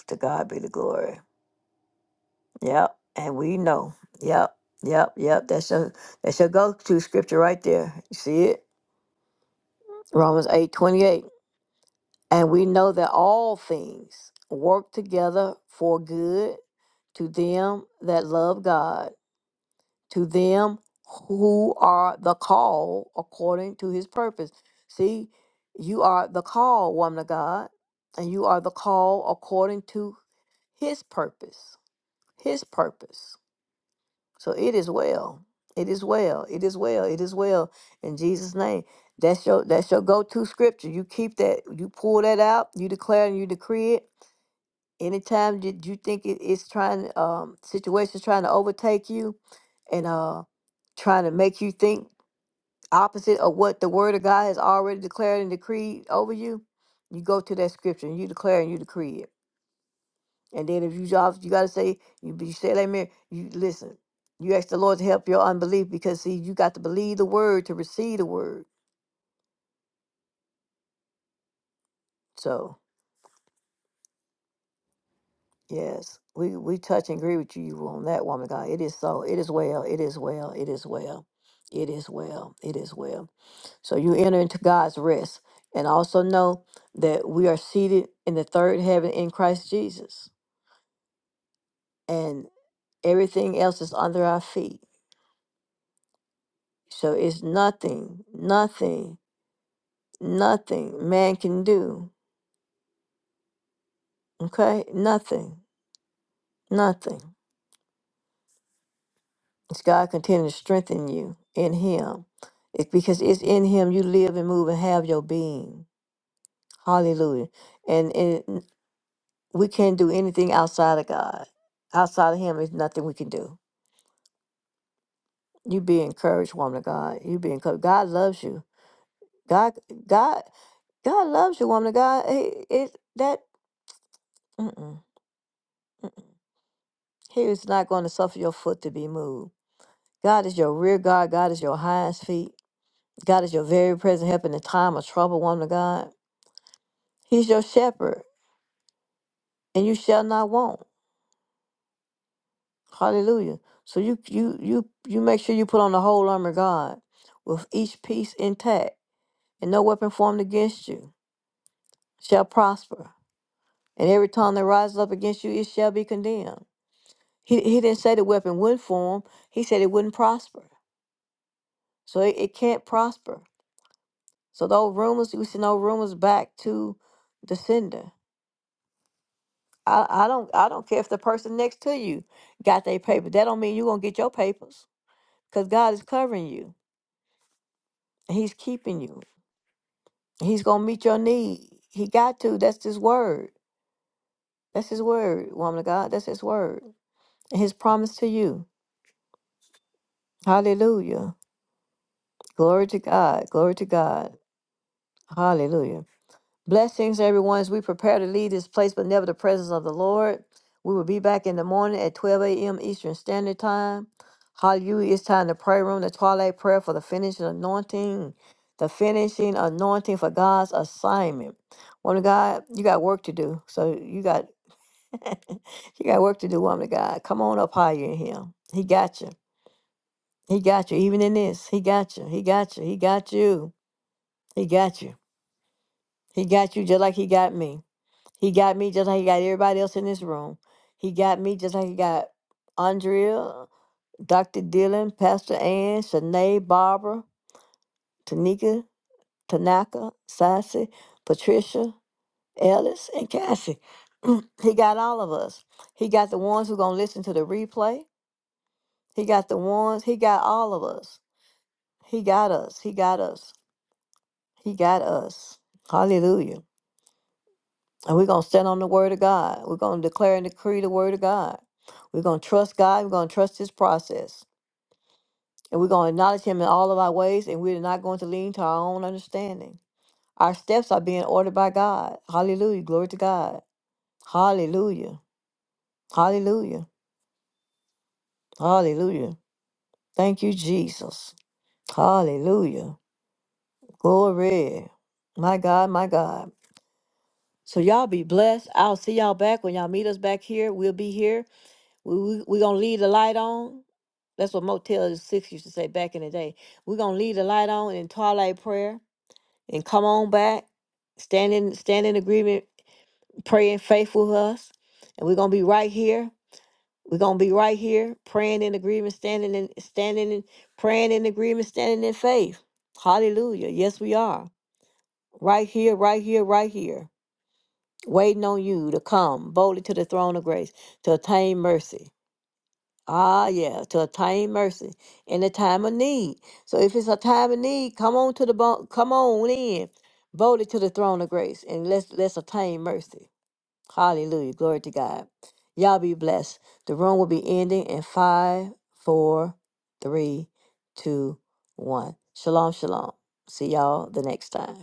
Speaker 1: To God be the glory. Yep, and we know. Yep, yep, yep. That's your, that's your go-to scripture right there. You see it, Romans eight twenty-eight. And we know that all things work together for good to them that love God, to them who are the call according to his purpose. See, you are the call, woman of God, and you are the call according to his purpose. His purpose. So it is well. It is well. It is well. It is well. In Jesus' name. That's your that's your go-to scripture. You keep that, you pull that out, you declare and you decree it anytime that you think it, it's trying um situations trying to overtake you and uh trying to make you think opposite of what the word of god has already declared and decreed over you you go to that scripture and you declare and you decree it and then if you jobs you got to say you, be- you say amen you listen you ask the lord to help your unbelief because see you got to believe the word to receive the word so Yes, we we touch and agree with you on that, woman. of God, it is so. It is well. It is well. It is well. It is well. It is well. So you enter into God's rest, and also know that we are seated in the third heaven in Christ Jesus, and everything else is under our feet. So it's nothing, nothing, nothing man can do. Okay, nothing, nothing. It's God continue to strengthen you in Him. It's because it's in Him you live and move and have your being. Hallelujah. And, and we can't do anything outside of God. Outside of Him, is nothing we can do. You be encouraged, woman of God. You be encouraged. God loves you. God, God, God loves you, woman of God. It, it that mm-mm. He is not going to suffer your foot to be moved. God is your rear guard. God is your highest feet. God is your very present help in the time of trouble, woman of God. He's your shepherd, and you shall not want. Hallelujah. So you you you you make sure you put on the whole armor of God with each piece intact, and no weapon formed against you shall prosper. And every tongue that rises up against you, it shall be condemned. He he didn't say the weapon would form. He said it wouldn't prosper. So it, it can't prosper. So those rumors, we send those rumors back to the sender. I, I don't I don't care if the person next to you got their paper. That don't mean you gonna get your papers. because God is covering you. and He's keeping you. He's gonna meet your need. He got to. That's His word. That's His word, woman of God. That's His word. And His promise to you. Hallelujah. Glory to God. Glory to God. Hallelujah. Blessings, everyone, as we prepare to leave this place, but never the presence of the Lord. We will be back in the morning at 12 a.m. Eastern Standard Time. Hallelujah. It's time to pray room, the twilight prayer for the finishing anointing, the finishing anointing for God's assignment. Woman of God, you got work to do. So you got you got work to do, woman of God. Come on up higher in him. He got you. He got you. Even in this, he got you. He got you. He got you. He got you. He got you just like he got me. He got me just like he got everybody else in this room. He got me just like he got Andrea, Dr. Dylan, Pastor Ann, Shanae, Barbara, Tanika, Tanaka, Sassy, Patricia, Ellis, and Cassie. he got all of us. He got the ones who gonna listen to the replay. He got the ones, he got all of us. He got us. He got us. He got us. Hallelujah. And we're going to stand on the word of God. We're going to declare and decree the word of God. We're going to trust God. We're going to trust his process. And we're going to acknowledge him in all of our ways. And we're not going to lean to our own understanding. Our steps are being ordered by God. Hallelujah. Glory to God. Hallelujah. Hallelujah. Hallelujah. Thank you, Jesus. Hallelujah. Glory. My God, my God. So y'all be blessed. I'll see y'all back when y'all meet us back here. We'll be here. We we, we gonna leave the light on. That's what Motel Six used to say back in the day. We're gonna leave the light on in twilight prayer and come on back, stand in stand in agreement, praying faith with us, and we're gonna be right here. We're gonna be right here, praying in agreement, standing in standing in praying in agreement, standing in faith. Hallelujah. Yes, we are. Right here, right here, right here. Waiting on you to come boldly to the throne of grace to attain mercy. Ah, yeah, to attain mercy in a time of need. So if it's a time of need, come on to the bo- come on in, boldly to the throne of grace, and let's let's attain mercy. Hallelujah, glory to God. Y'all be blessed. The room will be ending in five, four, three, two, one. Shalom, shalom. See y'all the next time.